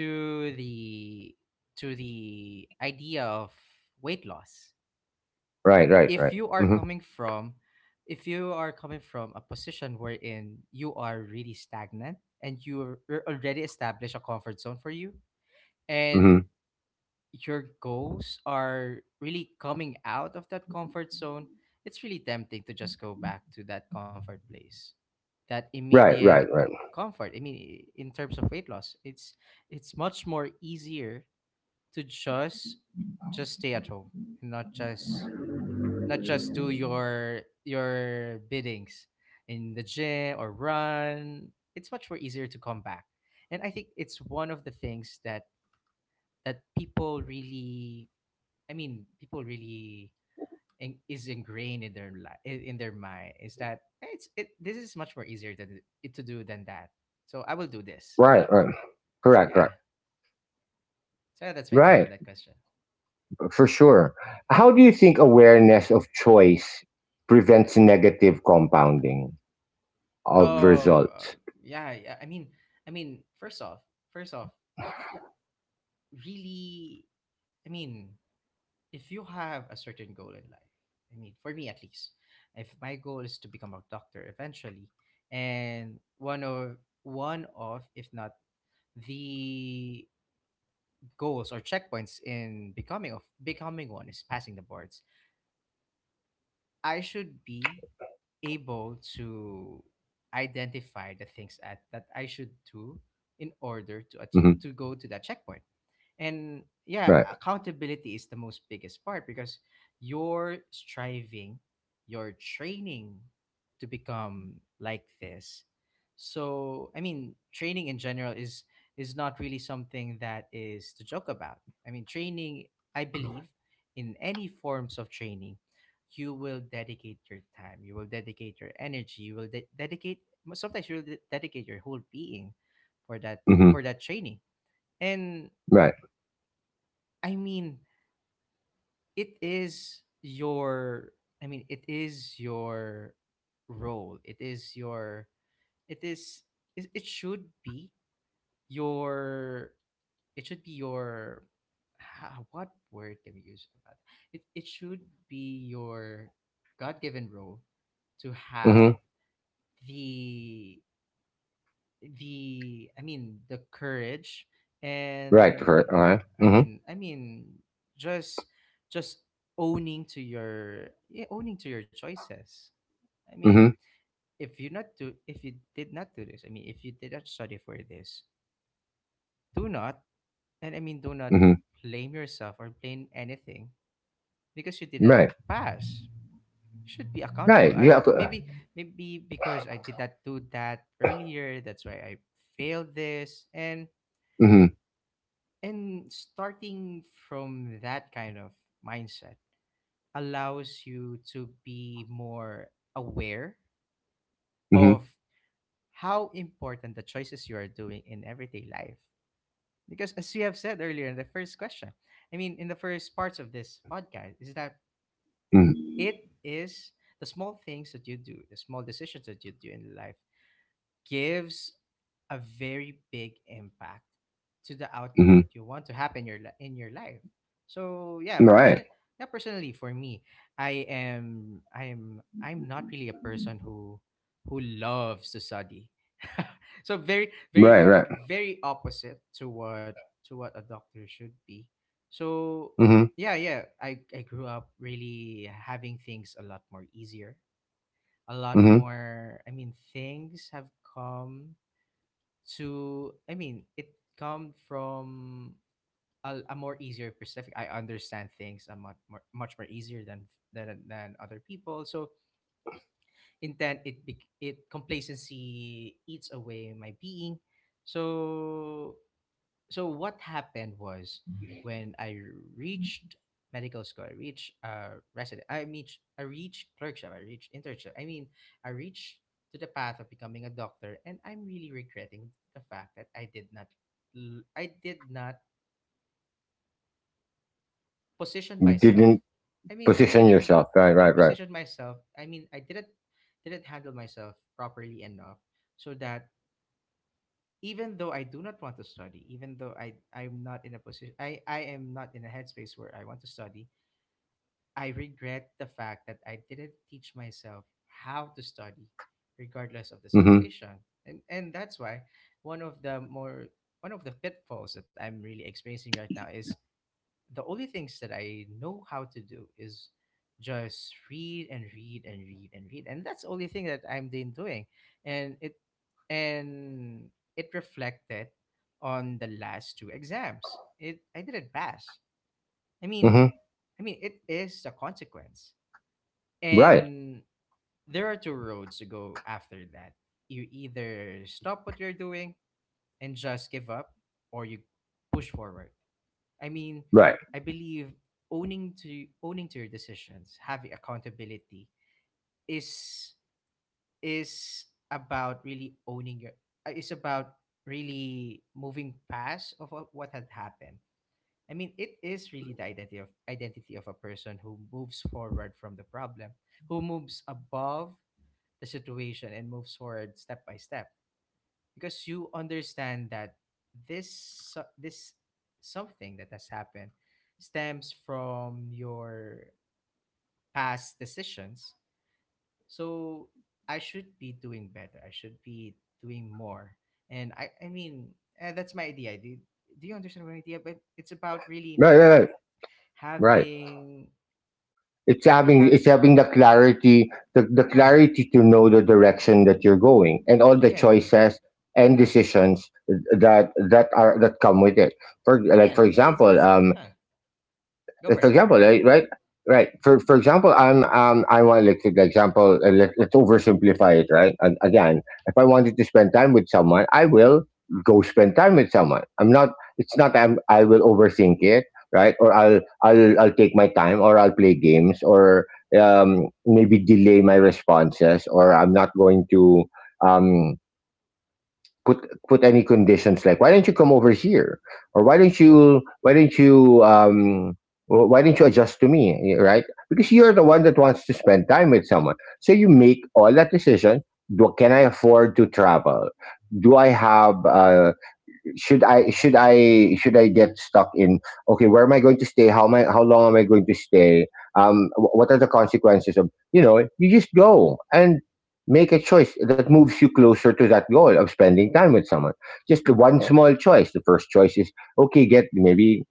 B: to the idea of weight loss.
A: Right. Right. Right.
B: If you are
A: Hmm.
B: coming from If you are coming from a position wherein you are really stagnant, and you're already established a comfort zone for you,
A: Hmm.
B: and your goals are really coming out of that comfort zone, it's really tempting to just go back to that comfort place, that
A: Right.
B: immediate
A: Right. Right.
B: comfort. I mean, in terms of weight loss, it's much more easier to just stay at home, and not just do your biddings in the gym or run. It's much more easier to come back, and I think it's one of the things that people really, I mean, people really is ingrained in in their mind, is that, "Eh, it's it. This is much more easier than it to do than that. So I will do this."
A: Right. Right.
B: So
A: Correct. Right.
B: yeah. So yeah, that's my take
A: Right.
B: on that question.
A: For sure. How do you think awareness of choice prevents negative compounding of
B: Oh,
A: results?
B: yeah, yeah. I mean, I mean, first off, first off, it really. I mean, if you have a certain goal in life, for me at least, if my goal is to become a doctor eventually, and one of if not the goals or checkpoints in becoming one is passing the boards, I should be able to identify the things that I should do in order to
A: Hmm.
B: to go to that checkpoint, and yeah,
A: Right.
B: accountability is the most biggest part because you're striving, you're training to become like this. So I mean training in general is not really something that is to joke about. I mean training, I believe, in any forms of training, you will dedicate your time, you will dedicate your energy, you will dedicate, sometimes you will dedicate your whole being for
A: Hmm.
B: that training. And
A: Right.
B: I mean, it is your, it is your role. It is your, it is, it should be your, it should be your, what word can we use about it? It should be your God-given role to have
A: Hmm.
B: the, the the courage
A: Right.
B: and,
A: Correct. All right.
B: I
A: Hmm.
B: mean I mean just just owning to owning to your choices. I mean
A: Hmm.
B: if you not do if you did not do this, if you did not study for this, do not, and do not
A: Hmm.
B: blame yourself or blame anything because you did not
A: Right.
B: pass. You should be accountable.
A: Right. You
B: I
A: have to.
B: Maybe maybe because I did not do that earlier, that's why I failed this. and
A: Hmm.
B: And starting from that kind of mindset allows you to be more aware of
A: Hmm.
B: how important the choices you are doing in everyday life. Because as you have said earlier in the first question, in the first parts of this podcast, is that
A: Hmm.
B: it is the small things that you do, the small decisions that you do in life gives a very big impact to the outcome
A: Hmm.
B: that you want to happen your in your life. So yeah,
A: Right.
B: person yeah, personally for me, I am I'm not really a person who loves to study. So very
A: Right.
B: very
A: Right.
B: very opposite to what a doctor should be. So
A: Hmm.
B: yeah, yeah, I grew up really having things a lot more easier, a lot
A: Hmm.
B: more, I mean things have come to, I mean it come from a, more easier perspective. I understand things a much more much more easier than other people. So intent it bec- it complacency eats away my being. So, so what happened was when I reached medical school, I reached resident, I reached clerkship, I reached internship. I reached to the path of becoming a doctor, and I'm really regretting the fact that I did not, I did not position
A: You
B: myself.
A: didn't
B: I mean, I
A: position
B: didn't,
A: yourself.
B: I
A: Right.
B: didn't
A: Right. Right.
B: position myself. I didn't handle myself properly enough so that even though I do not want to study, even though I'm not in a position I am not in a headspace where I want to study, I regret the fact that I didn't teach myself how to study regardless of the
A: Hmm.
B: situation. And that's why one of the more one of the pitfalls that I'm really experiencing right now is the only things that I know how to do is just read and read and read and read, and that's the only thing that I'm been doing, and and it reflected on the last two exams. It I didn't pass. I mean,
A: Hmm.
B: I mean, it is a consequence,
A: Right.
B: and there are two roads to go after that. You either stop what you're doing and just give up, or you push forward. I mean,
A: Right.
B: I believe owning to your decisions, having accountability is is about really owning your, is about really moving past of what had happened. It is really the identity of, a person who moves forward from the problem, who moves above the situation and moves forward step by step because you understand that this something that has happened stems from your past decisions. So I should be doing better, I should be doing more. And that's my idea. Do, do you understand my idea? But it's about really
A: Right. Right. Right. Right.
B: having,
A: It's having
B: have,
A: it's having the clarity, the
B: yeah,
A: clarity to know the direction that you're going, and all the
B: again,
A: choices and
B: yeah,
A: decisions that come with it. For like,
B: again,
A: for
B: it's it's,
A: example,
B: it's yeah, go
A: like,
B: for
A: for
B: it, go for
A: example,
B: it.
A: right, right, right. For example, I want, like, the example. Let's oversimplify it, right? And again, if I wanted to spend time with someone, I will go spend time with someone. I'm not. It's not. I will overthink it, right? Or I'll take my time, or I'll play games, or maybe delay my responses, or I'm not going to um put any conditions, like, why don't you come over here, or why don't you adjust to me? Yeah, right? Because you're the one that wants to spend time with someone, so you make all that decision. Do, can I afford to travel? Do I have Should I get stuck in? Okay, where am I going to stay? How long am I going to stay? What are the consequences of, you just go and make a choice that moves you closer to that goal of spending time with someone? Just the one small choice, the first choice is, okay,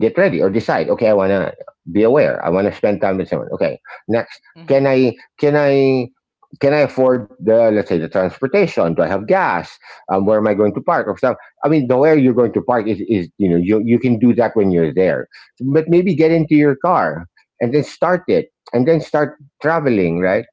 A: get ready, or decide, okay, I want to be aware. I want to spend time with someone. Okay, next,
B: Mm-hmm,
A: can i can i can I afford, the let's say, the transportation? Do I have gas? Where
B: mm-hmm,
A: am I going to park, or stuff? I mean, the where you're going to park is, you know, you can do that when you're there. But maybe get into your car and then start it, and then start traveling, right?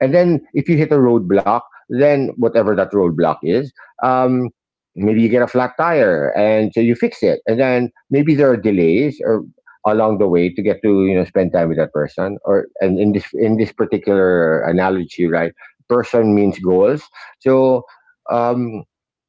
A: And then if you hit a roadblock, then whatever that roadblock is, um, maybe you get a flat tire and so you fix it. And then maybe there are delays or along the way to get to spend time with that person or and in this particular analogy, right? Person means goals. So um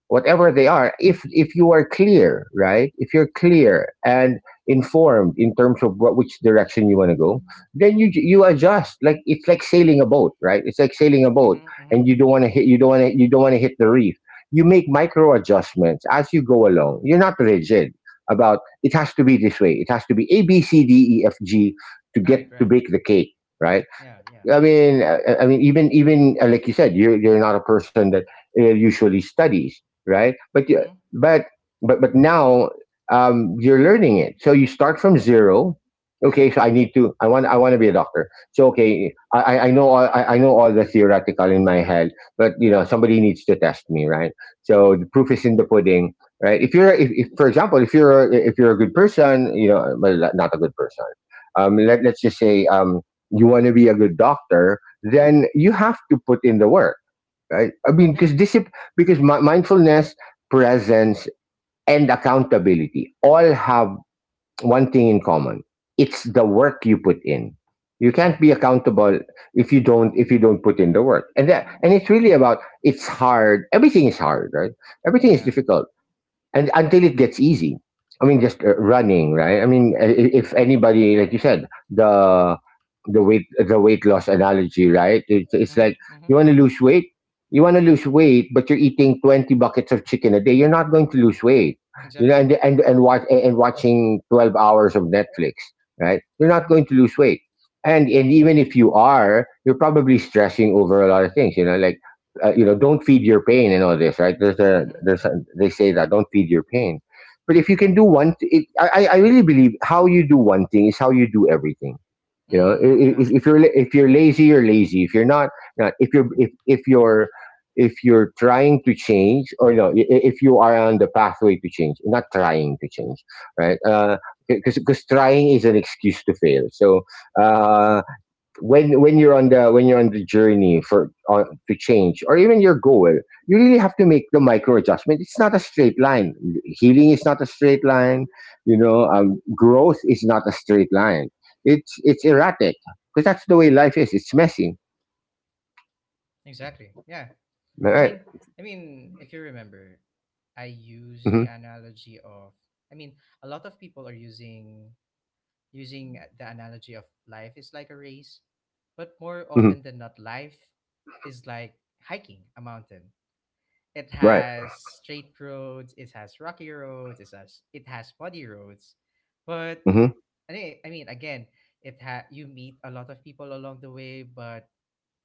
A: whatever they are, if you are clear, right? If you're clear and informed in terms of what which direction you want to go, then you adjust. Like it's like sailing a boat, right? It's like sailing a boat.
B: mm-hmm, mm-hmm,
A: And you don't want to hit the reef. You make micro adjustments as you go along. You're not rigid about It has to be this way, it has to be a b c d e f g to get
B: right,
A: to
B: right,
A: bake the cake, right?
B: yeah, yeah,
A: I mean, even like you said, you're not a person that usually studies, right? But you-
B: mm-hmm.
A: but but now you're learning it, so you start from zero.
B: Yeah.
A: Okay, so I need to. I want. I want to be a doctor. So okay, I know all. I know all the theoretical in my head, but you know somebody needs to test me, right? So
B: Mm-hmm.
A: the proof is in the pudding, right? If for example, if you're a good person, you know, well, not a good person. Let's just say you want to be a good doctor, then
B: Mm-hmm.
A: you have to put in the work, right? I mean,
B: Yeah.
A: because discipline, because mindfulness, presence, and accountability all have one thing in common: it's the work you put in. You can't be
B: Exactly.
A: accountable if you don't put in the work, and it's really about it's hard. Everything is hard, right?
B: Mm,
A: Everything is
B: yeah.
A: difficult and until it gets easy. I mean just running, right? I mean, if anybody, like you said, the weight loss analogy, right? It's
B: Mm-hmm.
A: like
B: Mm-hmm.
A: you want to lose weight, you want to lose weight, but you're eating 20 buckets of chicken a day, you're not going to lose weight. You know,
B: Exactly.
A: and and watching 12 hours of Netflix, right? You're not going to lose weight. And even if you are, you're probably stressing over a lot of things, you know, like don't feed your pain and all this, right?
B: Mm-hmm.
A: They say that don't feed your pain. But if you can do one, I really believe how you do one thing is how you do everything. You know,
B: Mm, yeah.
A: if you're if you're lazy, you're lazy. If you're not, if you're, if you're trying to change, or no, if you are on the pathway to change, not trying to change, right? Because trying is an excuse to fail. So uh, when you're on the, when you're on the journey for to change or even your goal, you really have to make the micro adjustment. It's not a straight line. Healing is not a straight line. You know, growth is not a straight line. It's erratic because that's the way life is. It's messy.
B: Exactly. Yeah. I
A: Right.
B: mean, if you remember, I use
A: Mm-hmm.
B: the analogy of. I mean, a lot of people are using the analogy of life is like a race, but more
A: Hmm.
B: often than not, life is like hiking a mountain. It
A: Right.
B: has straight roads. It has rocky roads. It has muddy roads, but,
A: Hmm.
B: and again, you meet a lot of people along the way, but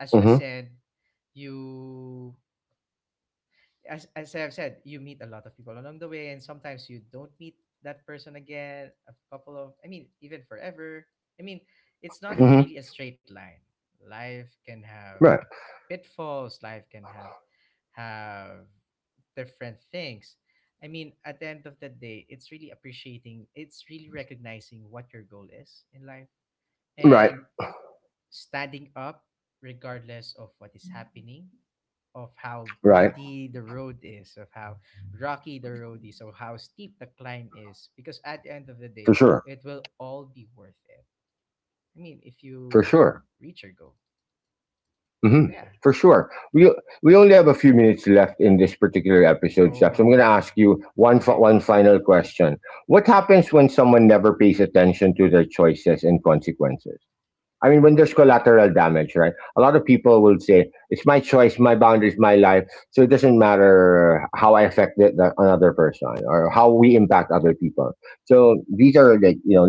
B: as you
A: Hmm.
B: ascend, you as I've said, you meet a lot of people along the way, and sometimes you don't meet that person again. A couple of, even forever. I mean, it's not
A: Hmm.
B: really a straight line. Life can have
A: Right.
B: pitfalls. Life can have different things. At the end of the day, it's really it's really recognizing what your goal is in life,
A: Right.
B: and standing up regardless of what is happening, of how
A: Right.
B: muddy the road is, of how rocky the road is, or how steep the climb is. Because at the end of the
A: For
B: day,
A: sure.
B: it will all be worth it. If
A: For
B: you
A: sure.
B: reach your goal.
A: Hmm.
B: So yeah.
A: For sure. We only have a few minutes left in this particular episode, Steph. So I'm going to
B: Oh.
A: ask you
B: Okay.
A: one final question. What happens when someone never pays attention to their choices and consequences? I mean, when there's collateral damage, right? A lot of people will say it's my choice, my boundaries, my life, so it doesn't matter how I affect another person or how we impact other people. So these are like, you know,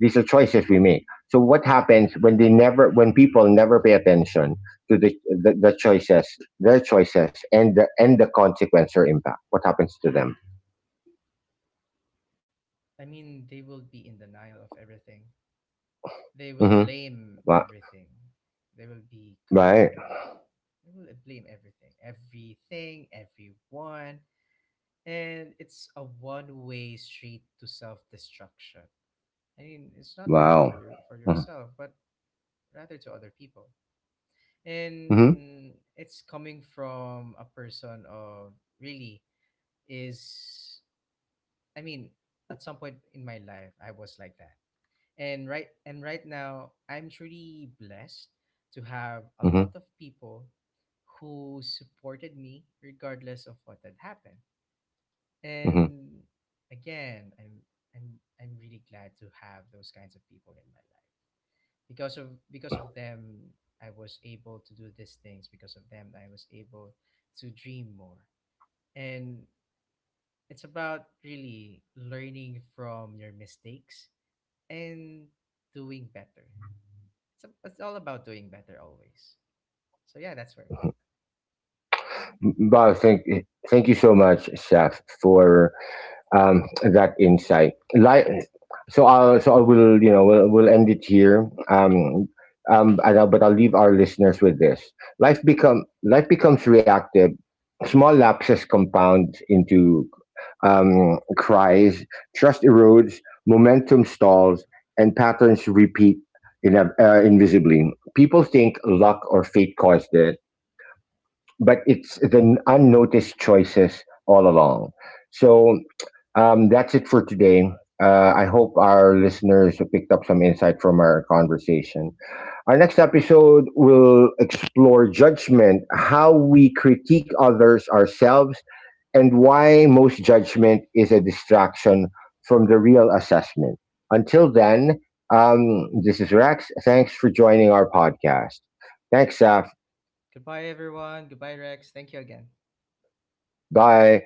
A: these are choices we make. So what happens when they never, when people never pay attention to the the choices, their choices, and the consequence or impact? What happens to them?
B: I mean, they will be in denial of everything. They will
A: Mm-hmm.
B: blame
A: Wow.
B: everything. They will
A: Right.
B: become. They will blame everything, everything, everyone. And it's a one-way street to self-destruction. It's not only
A: Wow.
B: for you for
A: Mm-hmm.
B: yourself, but rather to other people.
A: Mm-hmm.
B: And it's coming from a person of really is, I mean, at some point in my life I was like that. And right now I'm truly blessed to have a
A: Mm-hmm.
B: lot of people who supported me regardless of what had happened. And again, I'm I'm really glad to have those kinds of people in my life. Because of, them, I was able to do these things. Because of them, I was able to dream more. And it's about really learning from your mistakes and doing better. It's all about doing better always. So yeah, that's for me.
A: Mm-hmm. Wow. Thank you so much, Chef, for that insight. Like, so I will, you know, we'll end it here. And I'll- but I'll leave our listeners with this: life becomes reactive. Small lapses compound into cries. Trust erodes. Momentum stalls, and patterns repeat in invisibly. People think luck or fate caused it, but it's the unnoticed choices all along. So that's it for today. I hope our listeners picked up some insight from our conversation. Our next episode will explore judgment, how we critique others ourselves, and why most judgment is a distraction from the real assessment. Until then, this is Rex. Thanks for joining our podcast. Thanks, Saf.
B: Goodbye, everyone. Goodbye, Rex. Thank you again.
A: Bye.